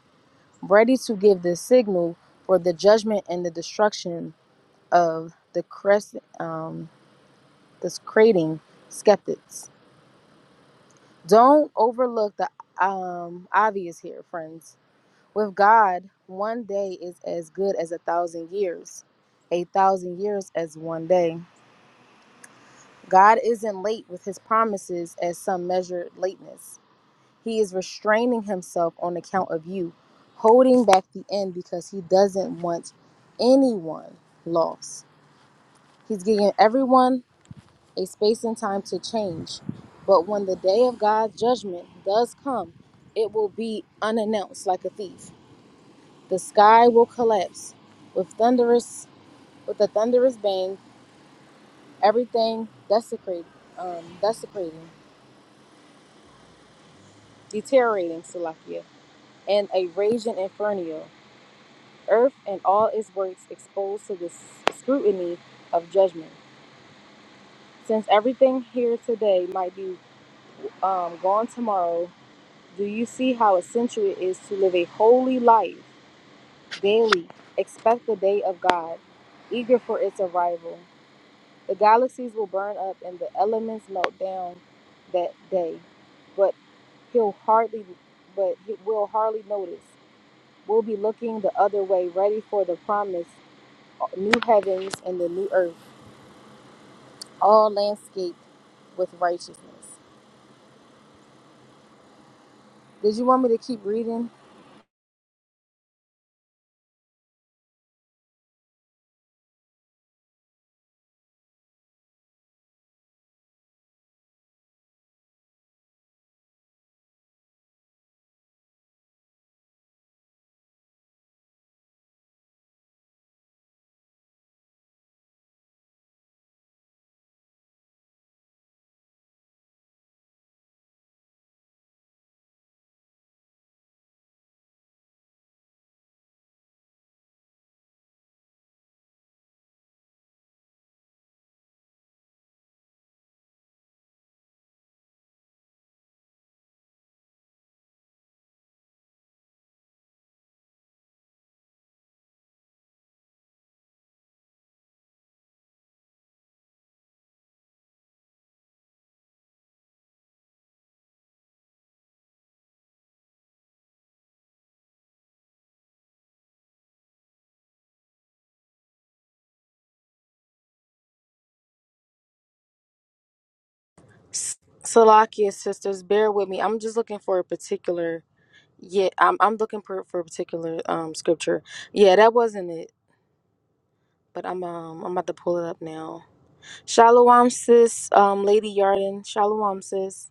Speaker 2: ready to give the signal for the judgment and the destruction of the crest, um, this creating skeptics. Don't overlook the um, obvious here, friends. With God, one day is as good as a thousand years, a thousand years as one day. God isn't late with his promises as some measure lateness. He is restraining himself on account of you, holding back the end because he doesn't want anyone lost. He's giving everyone a space and time to change. But when the day of God's judgment does come, it will be unannounced like a thief. The sky will collapse with thunderous with a thunderous bang, everything desecrated, um, desecrating, deteriorating, Salakia, and a raging inferno, earth and all its works exposed to the scrutiny of judgment. Since everything here today might be um, gone tomorrow, do you see how essential it is to live a holy life daily? Expect the day of God, eager for its arrival. The galaxies will burn up and the elements melt down that day, but he'll hardly, but he will hardly notice. We'll be looking the other way, ready for the promised new heavens and the new earth, all landscaped with righteousness. Did you want me to keep reading? Salakia sisters, bear with me. I'm just looking for a particular. Yeah, I'm I'm looking for for a particular um scripture. Yeah, that wasn't it. But I'm um I'm about to pull it up now. Shalom, sis. Um, Lady Yarden. Shalom, sis.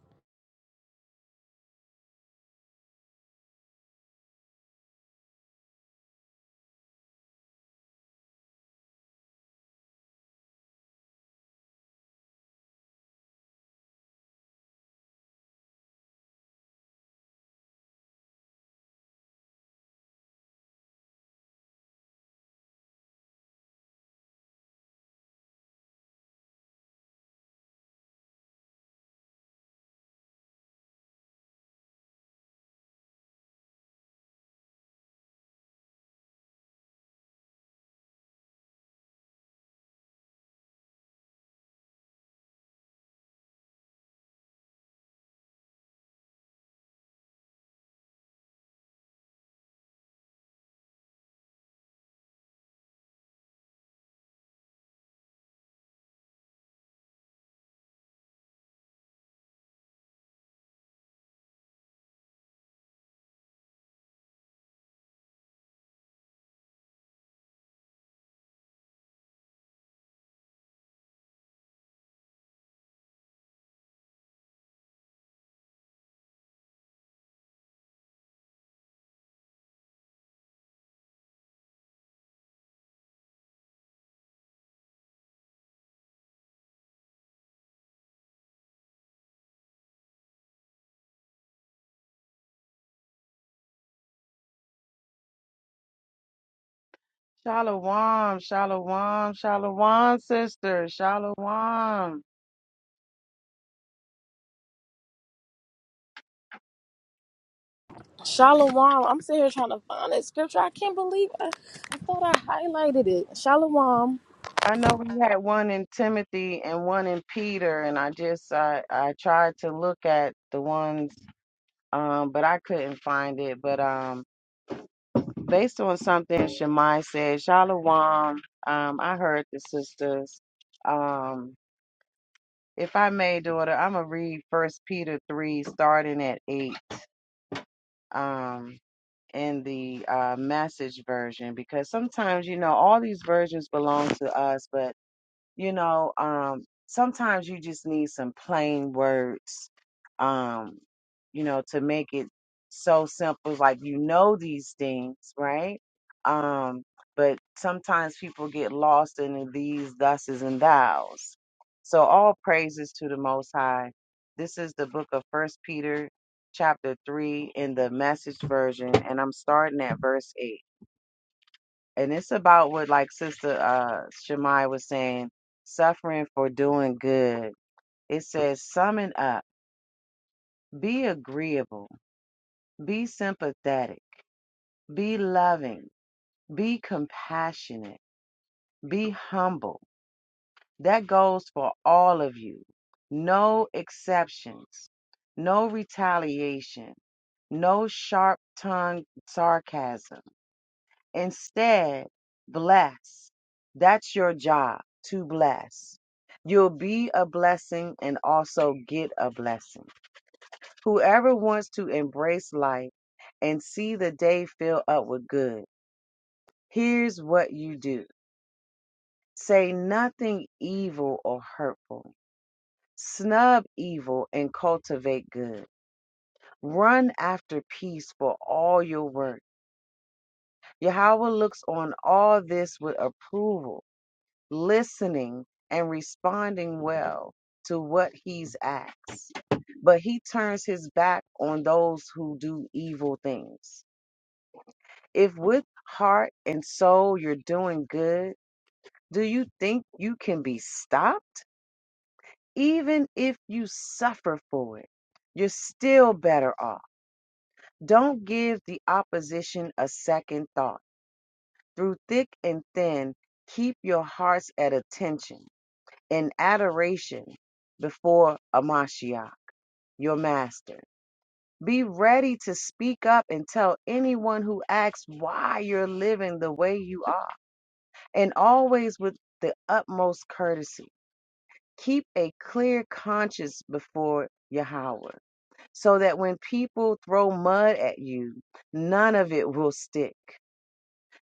Speaker 8: Shalom, shalom, shalom, sister, shalom.
Speaker 2: Shalom. I'm sitting here trying to find that scripture. I can't believe I, I thought I highlighted it. Shalom.
Speaker 8: I know we had one in Timothy and one in Peter, and I just I I tried to look at the ones, um, but I couldn't find it. But um, based on something Shemai said, shalom. Um, I heard the sisters. Um, if I may, daughter, I'm gonna read First Peter three, starting at eight. Um. in the uh, message version because sometimes you know all these versions belong to us, but you know, um, sometimes you just need some plain words, um, you know, to make it so simple. Like, you know, these things, right? Um, but sometimes people get lost in the these, thuses, and thous. So, all praises to the Most High. This is the book of First Peter, chapter 3, in the message version, and I'm starting at verse 8 and it's about what like sister uh Shemai was saying suffering for doing good it says summon up be agreeable be sympathetic be loving be compassionate be humble that goes for all of you no exceptions no retaliation no sharp tongued sarcasm Instead, bless. That's your job to bless. You'll be a blessing and also get a blessing. Whoever wants to embrace life and see the day fill up with good, here's what you do say nothing evil or hurtful, snub evil and cultivate good. Run after peace for all your work. Yahweh looks on all this with approval listening and responding well to what he's asked. But he turns his back on those who do evil things. If with heart and soul you're doing good, do you think you can be stopped? Even if you suffer for it, you're still better off. Don't give the opposition a second thought. Through thick and thin, keep your hearts at attention in adoration before Amashiach, your master. Be ready to speak up and tell anyone who asks why you're living the way you are, and always with the utmost courtesy. Keep a clear conscience before Yahweh, so that when people throw mud at you, none of it will stick.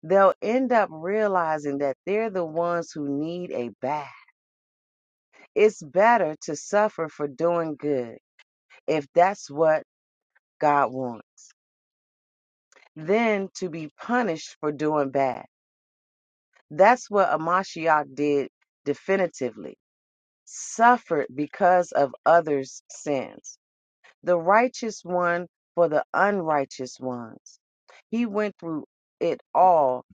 Speaker 8: They'll end up realizing that they're the ones who need a bath. It's better to suffer for doing good if that's what God wants, then to be punished for doing bad. That's what Amashiach did definitively, suffered because of others' sins. The righteous one for the unrighteous ones. He went through it all,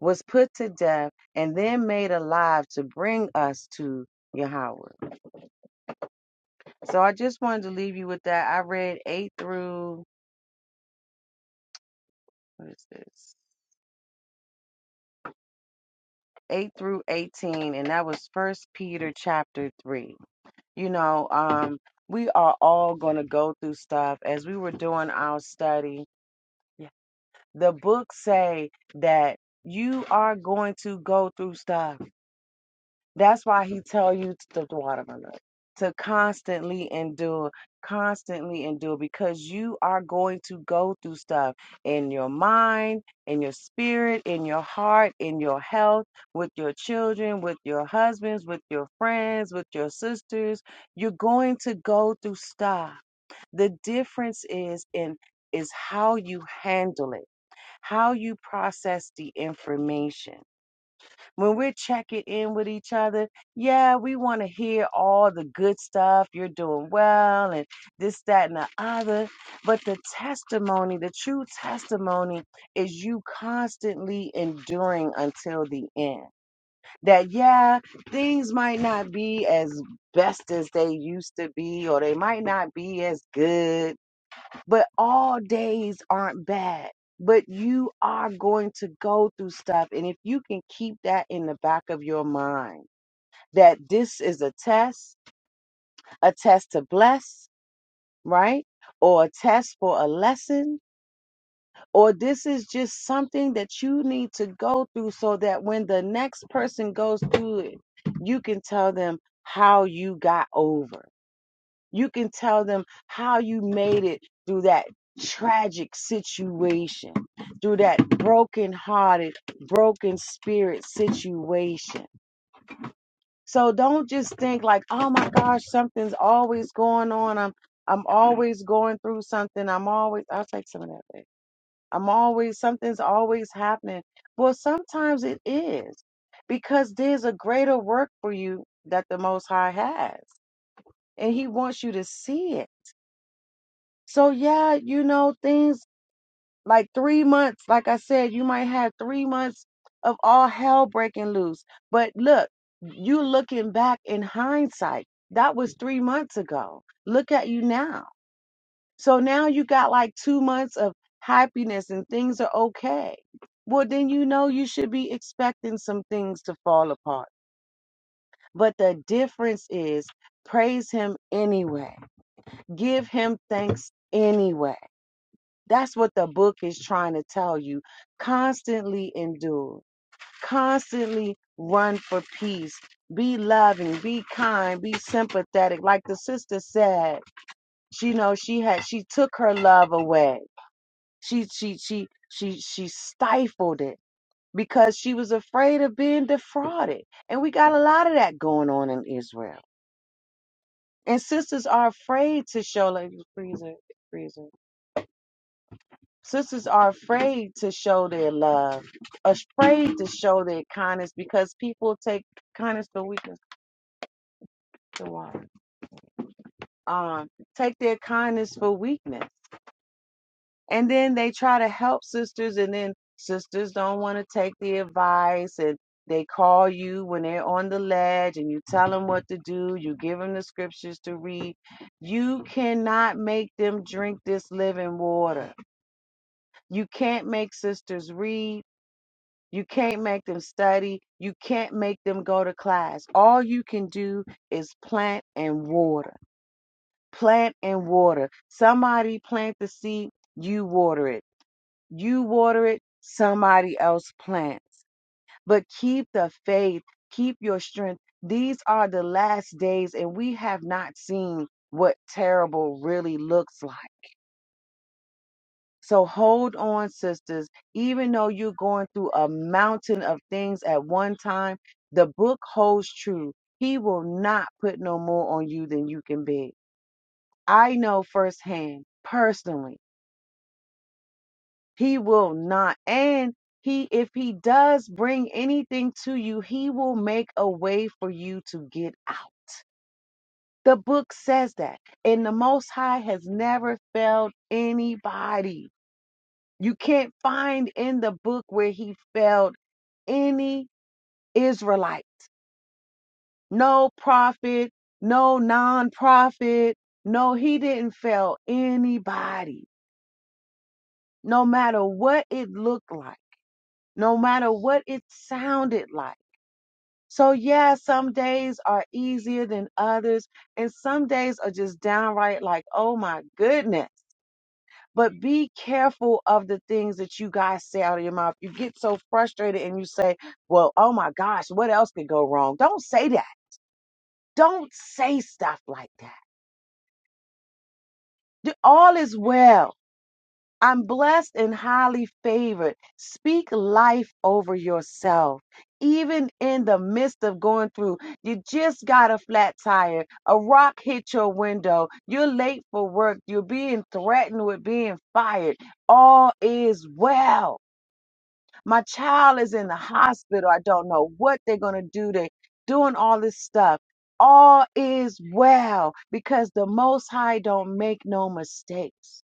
Speaker 8: was put to death, and then made alive to bring us to Yahweh. So I just wanted to leave you with that. I read 8 through, what is this? 8 through 18 and that was first peter chapter 3 you know um we are all going to go through stuff as we were doing our study the books say that you are going to go through stuff that's why he tell you to the watermelon to constantly endure, constantly endure, because you are going to go through stuff in your mind, in your spirit, in your heart, in your health, with your children, with your husbands, with your friends, with your sisters. You're going to go through stuff. The difference is in is how you handle it, how you process the information when we're checking in with each other, yeah, we want to hear all the good stuff. You're doing well, and this, that, and the other. But the testimony, the true testimony, is you constantly enduring until the end. That, yeah, things might not be as best as they used to be, or they might not be as good but all days aren't bad. But you are going to go through stuff. And if you can keep that in the back of your mind, that this is a test, a test to bless, right? Or a test for a lesson, or this is just something that you need to go through so that when the next person goes through it, you can tell them how you got over You can tell them how you made it through that tragic situation, through that broken hearted, broken spirit situation. So don't just think like, oh my gosh, something's always going on. I'm I'm always going through something. I'm always I'll take some of that back. I'm always something's always happening. Well, sometimes it is because there's a greater work for you that the most high has. And he wants you to see it So yeah, you know, things like three months, like I said, you might have three months of all hell breaking loose. But look, you looking back in hindsight, that was three months ago. Look at you now. So now you got like two months of happiness and things are okay. Well, then you know you should be expecting some things to fall apart. But the difference is praise him anyway. Give him thanks anyway That's what the book is trying to tell you. Constantly endure, constantly run for peace. Be loving, be kind, be sympathetic. Like the sister said, she you know she had she took her love away. She she she she she stifled it because she was afraid of being defrauded. And we got a lot of that going on in Israel. And sisters are afraid to show like freezer, freezer. Sisters are afraid to show their love, afraid to show their kindness because people take kindness for weakness. to what? Um, take their kindness for weakness. And then they try to help sisters, and then sisters don't want to take the advice, and they call you when they're on the ledge, and you tell them what to do, you give them the scriptures to read. You cannot make them drink this living water. You can't make sisters read. You can't make them study. You can't make them go to class. All you can do is plant and water. Plant and water. Somebody plant the seed, you water it. You water it, somebody else plants. But keep the faith, keep your strength. These are the last days, and we have not seen what terrible really looks like So hold on, sisters. Even though you're going through a mountain of things at one time, the book holds true. He will not put no more on you than you can bear. I know firsthand, personally, he will not. And he, if he does bring anything to you, he will make a way for you to get out. The book says that. And the Most High has never failed anybody. You can't find in the book where he failed any Israelite, no prophet, no non prophet. No, he didn't fail anybody, no matter what it looked like, no matter what it sounded like. So, yeah, some days are easier than others, and some days are just downright like, oh my goodness. But be careful of the things that you guys say out of your mouth. You get so frustrated and you say, Well, oh my gosh, what else could go wrong? Don't say that. Don't say stuff like that. D- All is well. I'm blessed and highly favored. Speak life over yourself. Even in the midst of going through, you just got a flat tire, a rock hit your window, you're late for work, you're being threatened with being fired. All is well My child is in the hospital. I don't know what they're going to do. They're doing all this stuff. All is well because the Most High don't make no mistakes.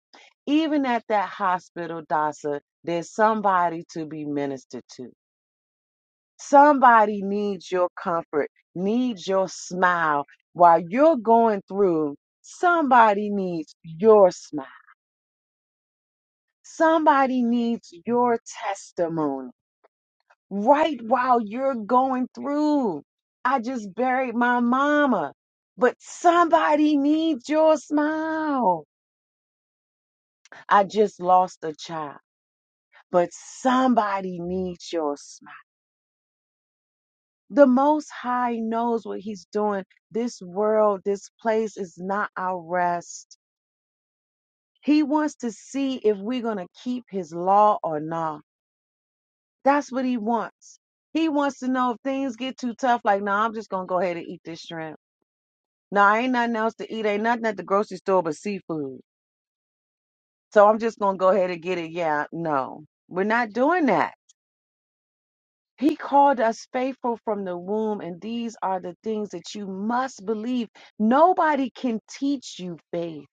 Speaker 8: Even at that hospital, Dasa, there's somebody to be ministered to. Somebody needs your comfort, needs your smile. While you're going through, somebody needs your smile. Somebody needs your testimony. right while you're going through. I just buried my mama, but somebody needs your smile. I just lost a child, but somebody needs your smile. The Most High knows what He's doing. This world, this place is not our rest. He wants to see if we're going to keep His law or not. That's what He wants. He wants to know if things get too tough, like, no, nah, I'm just going to go ahead and eat this shrimp. No, I ain't nothing else to eat. Ain't nothing at the grocery store but seafood. So I'm just gonna go ahead and get it. Yeah, no, we're not doing that. He called us faithful from the womb, and these are the things that you must believe. Nobody can teach you faith.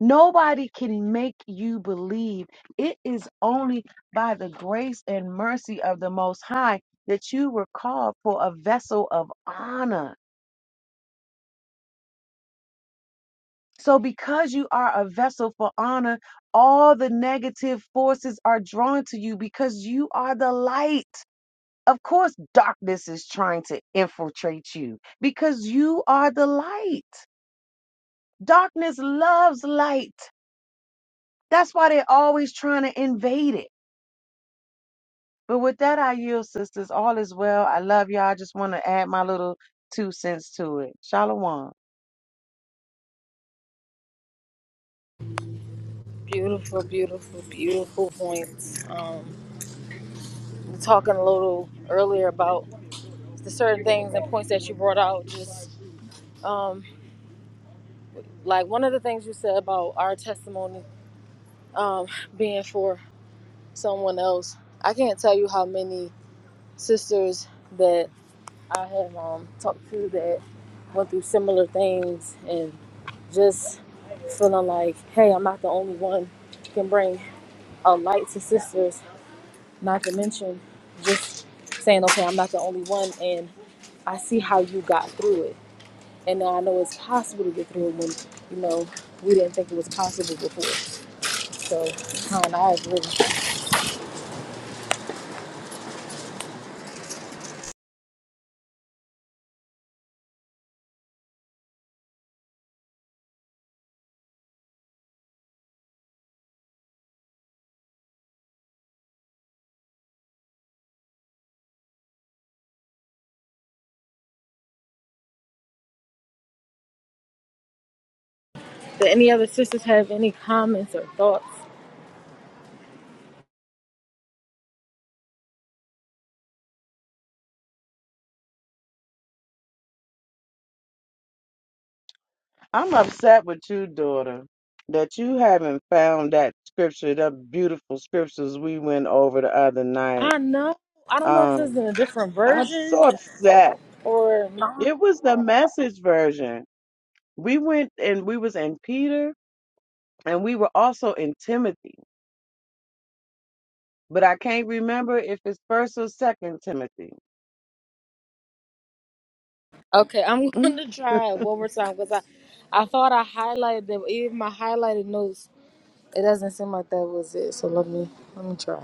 Speaker 8: Nobody can make you believe. It is only by the grace and mercy of the Most High that you were called for a vessel of honor So, because you are a vessel for honor, all the negative forces are drawn to you because you are the light. Of course, darkness is trying to infiltrate you because you are the light. Darkness loves light. That's why they're always trying to invade it. But with that, I yield, sisters. All is well. I love y'all. I just want to add my little two cents to it. Shalom.
Speaker 2: Beautiful, beautiful, beautiful points. Um, we were talking a little earlier about the certain things and points that you brought out. Just um, like one of the things you said about our testimony um, being for someone else. I can't tell you how many sisters that I have um, talked to that went through similar things and just feeling like, hey, I'm not the only one who can bring a light to sisters. Not to mention just saying, okay, I'm not the only one, and I see how you got through it. And now I know it's possible to get through it when, you know, we didn't think it was possible before. So, kind I agree. Do any other sisters have any comments or thoughts?
Speaker 8: I'm upset with you, daughter, that you haven't found that scripture, that beautiful scriptures we went over the other night.
Speaker 2: I know. I don't know if it's
Speaker 8: Um,
Speaker 2: in a different
Speaker 8: I'm
Speaker 2: version
Speaker 8: so upset.
Speaker 2: or not.
Speaker 8: It was the message version. We went and we was in Peter and we were also in Timothy, but I can't remember if it's first or second Timothy.
Speaker 2: Okay, I'm going
Speaker 8: Mm.
Speaker 2: to try it one more time because I, I thought I highlighted them. Even my highlighted notes, it doesn't seem like that was it. So let me let me try.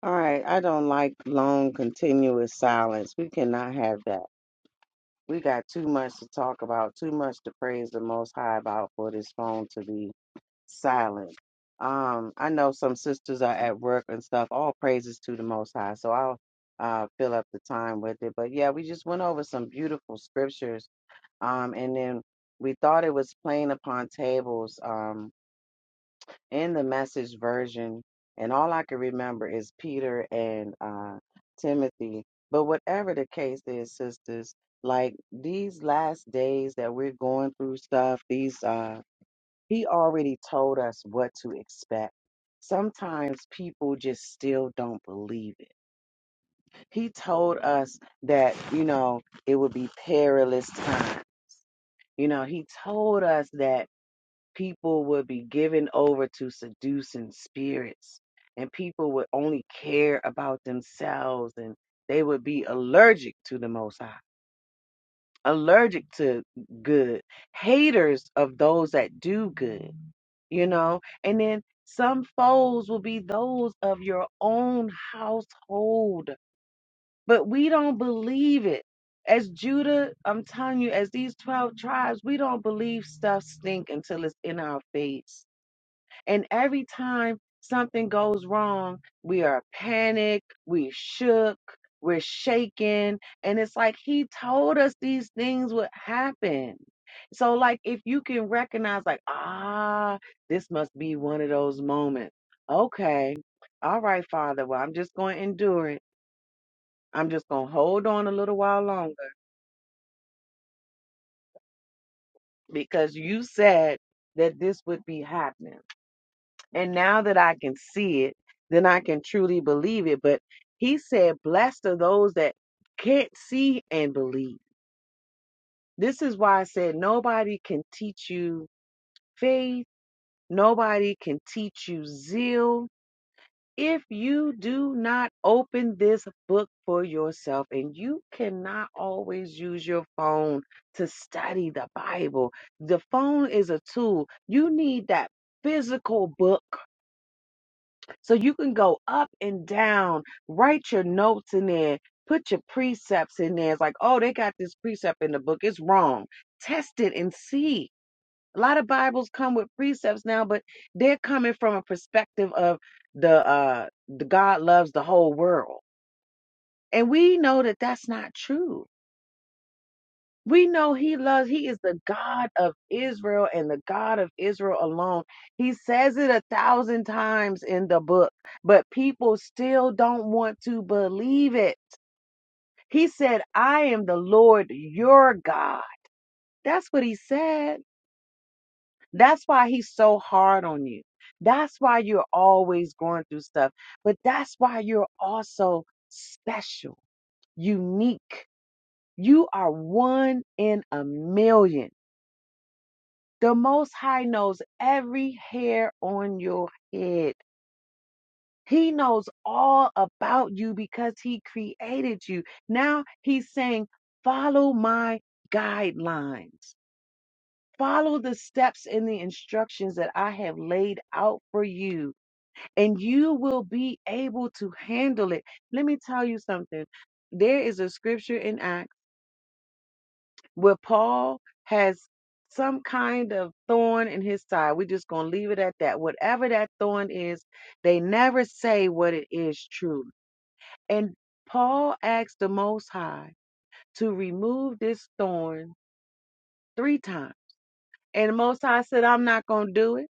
Speaker 8: All right, I don't like long continuous silence. We cannot have that. We got too much to talk about, too much to praise the Most High about for this phone to be silent. Um, I know some sisters are at work and stuff. All praises to the Most High. So I'll uh, fill up the time with it. But yeah, we just went over some beautiful scriptures. Um, and then we thought it was plain upon tables. Um, in the message version, and all I can remember is Peter and uh, Timothy. But whatever the case is, sisters, like these last days that we're going through stuff, these uh, he already told us what to expect. Sometimes people just still don't believe it. He told us that, you know, it would be perilous time. You know, he told us that people would be given over to seducing spirits and people would only care about themselves and they would be allergic to the most high allergic to good haters of those that do good you know and then some foes will be those of your own household but we don't believe it as Judah, I'm telling you, as these 12 tribes, we don't believe stuff stink until it's in our face and every time something goes wrong, we are panicked, we shook, we're shaken. And it's like he told us these things would happen. So, like, if you can recognize, like, ah, this must be one of those moments. Okay. All right, Father. Well, I'm just going to endure it. I'm just going to hold on a little while longer because you said that this would be happening. And now that I can see it, then I can truly believe it. But he said, Blessed are those that can't see and believe. This is why I said, Nobody can teach you faith, nobody can teach you zeal. If you do not open this book for yourself, and you cannot always use your phone to study the Bible, the phone is a tool. You need that physical book So you can go up and down, write your notes in there, put your precepts in there. It's like, oh, they got this precept in the book. It's wrong. Test it and see. A lot of Bibles come with precepts now, but they're coming from a perspective of the uh the God loves the whole world. And we know that that's not true. We know he loves, he is the God of Israel and the God of Israel alone. He says it a thousand times in the book, but people still don't want to believe it. He said, I am the Lord your God. That's what he said. That's why he's so hard on you. That's why you're always going through stuff, but that's why you're also special, unique. You are one in a million. The Most High knows every hair on your head. He knows all about you because He created you. Now He's saying, follow my guidelines. Follow the steps and the instructions that I have laid out for you, and you will be able to handle it. Let me tell you something. There is a scripture in Acts. where Paul has some kind of thorn in his side. We're just going to leave it at that. Whatever that thorn is, they never say what it is truly. And Paul asked the Most High to remove this thorn three times. And the Most High said, I'm not going to do it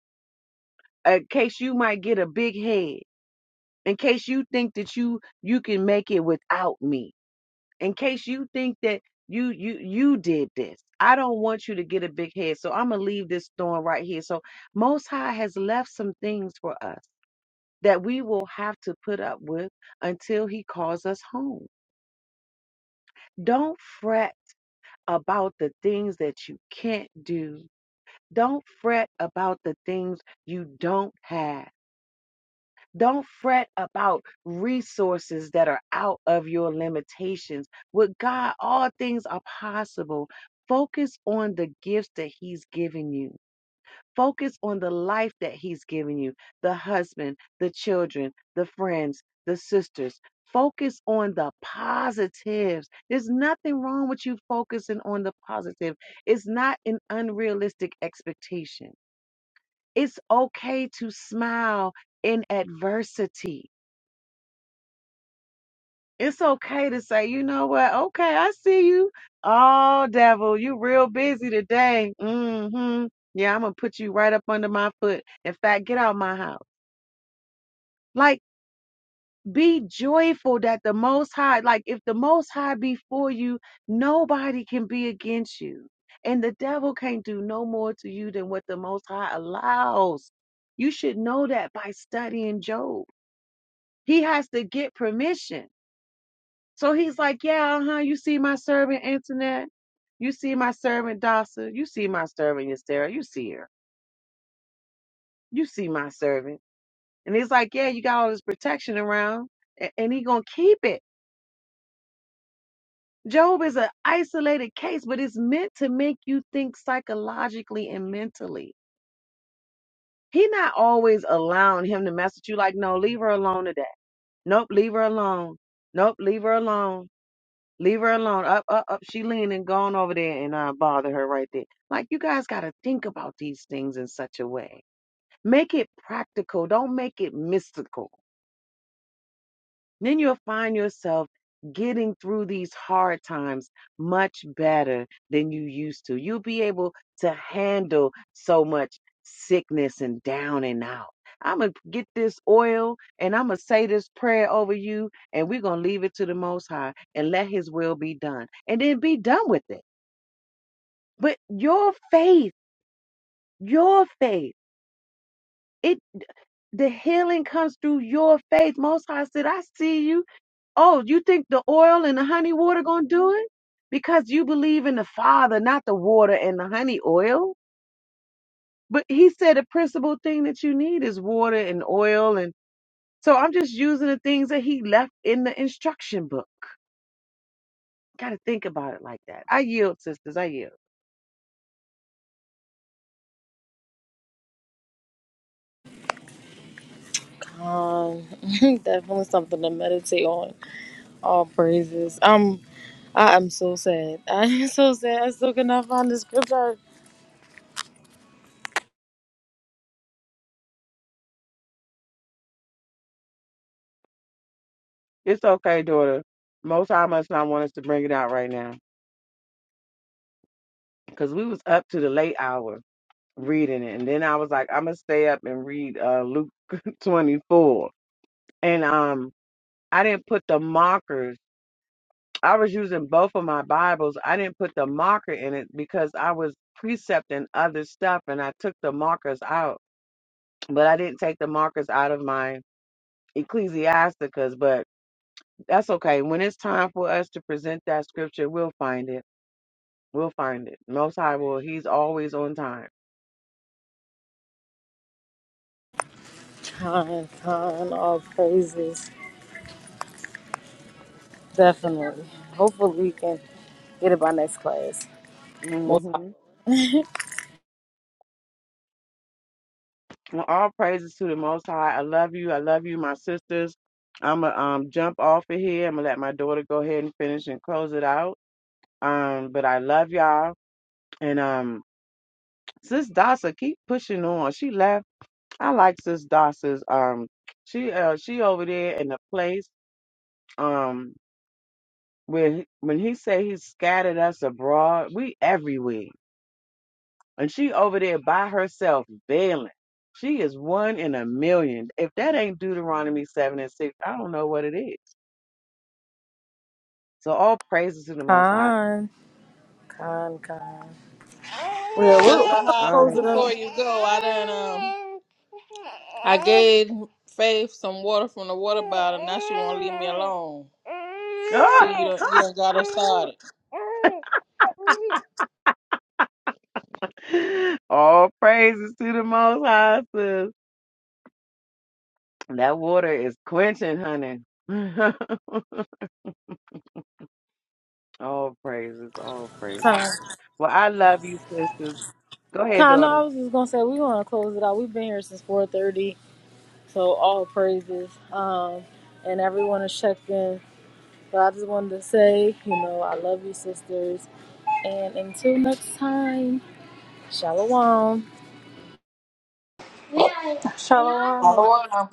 Speaker 8: uh, in case you might get a big head, in case you think that you you can make it without me. in case you think that you you you did this i don't want you to get a big head so i'm gonna leave this thorn right here so most high has left some things for us that we will have to put up with until he calls us home don't fret about the things that you can't do don't fret about the things you don't have Don't fret about resources that are out of your limitations. With God, all things are possible. Focus on the gifts that He's given you. Focus on the life that He's given you the husband, the children, the friends, the sisters. Focus on the positives. There's nothing wrong with you focusing on the positive. It's not an unrealistic expectation. It's okay to smile in adversity. it's okay to say, you know what? Okay, I see you. Oh, devil, you real busy today. Mm-hmm. Yeah, I'm gonna put you right up under my foot. In fact, get out my house. Like, be joyful that the Most High, like, if the Most High be for you, nobody can be against you. And the devil can't do no more to you than what the Most High allows. You should know that by studying Job. He has to get permission. So he's like, Yeah, uh huh. You see my servant, Antoinette. You see my servant, Dasa. You see my servant, Yastera. You see her. You see my servant. And he's like, Yeah, you got all this protection around, a- and he going to keep it. Job is an isolated case, but it's meant to make you think psychologically and mentally. He not always allowing him to mess with you like, no, leave her alone today. Nope, leave her alone. Nope, leave her alone. Leave her alone. Up, up, up. She leaning, going over there and uh, bother her right there. Like you guys got to think about these things in such a way. Make it practical. Don't make it mystical then you'll find yourself getting through these hard times much better than you used to. You'll be able to handle so much sickness and down and out. I'm going to get this oil and I'm going to say this prayer over you, and we're going to leave it to the Most High and let His will be done and then be done with it. But your faith, your faith, it the healing comes through your faith. Most High said, I see you. Oh, you think the oil and the honey water gonna do it? Because you believe in the Father, not the water and the honey oil. But he said the principal thing that you need is water and oil, and so I'm just using the things that he left in the instruction book. Gotta think about it like that. I yield, sisters. I yield.
Speaker 2: Um, definitely something to meditate on. All praises. Um, I am so sad. I am so sad. I still cannot find the scripture.
Speaker 8: It's okay, daughter. Most High must not want us to bring it out right now because we was up to the late hour reading it, and then I was like, I'm gonna stay up and read uh, Luke 24, and um. I didn't put the markers. I was using both of my Bibles. I didn't put the marker in it because I was precepting other stuff and I took the markers out. But I didn't take the markers out of my Ecclesiasticus, but that's okay. When it's time for us to present that scripture, we'll find it. We'll find it. Most High will. He's always on time.
Speaker 2: Time, time. All praises. Definitely. Hopefully we can get it by next class. Most high.
Speaker 8: hmm
Speaker 2: willing.
Speaker 8: All praises to the Most High. I love you. I love you, my sisters. I'm going to um, jump off of here. I'm going to let my daughter go ahead and finish and close it out. Um, but I love y'all. And um, Sis Dasa, keep pushing on. She left. I like Sis Dasa's um, she uh, she over there in the place um when he- when he say he scattered us abroad, we everywhere, and she over there by herself bailing. She is one in a million. If that ain't Deuteronomy seven and six, I don't know what it is. So all praises to the Most High.
Speaker 2: Con, con, con. Yeah, we're, we're gonna
Speaker 8: All
Speaker 3: hobble
Speaker 2: close
Speaker 8: right.
Speaker 2: it up.
Speaker 3: before you go i done um i gave faith some water from the water bottle now she won't leave me alone see you done, you done got her started
Speaker 8: All praises to the Most High, sis. That water is quenching, honey. all praises, all
Speaker 2: Con,
Speaker 8: praises. Well, I love you, sisters. Go ahead,
Speaker 2: Con, no,
Speaker 8: daughter.
Speaker 2: I was just gonna say we want to close it out. We've been here since 4:30, so all praises. Um, and everyone has checked in. But I just wanted to say, you know, I love you, sisters. And until next time, shalom.
Speaker 4: yeah, yeah. Shalom.
Speaker 3: Hello.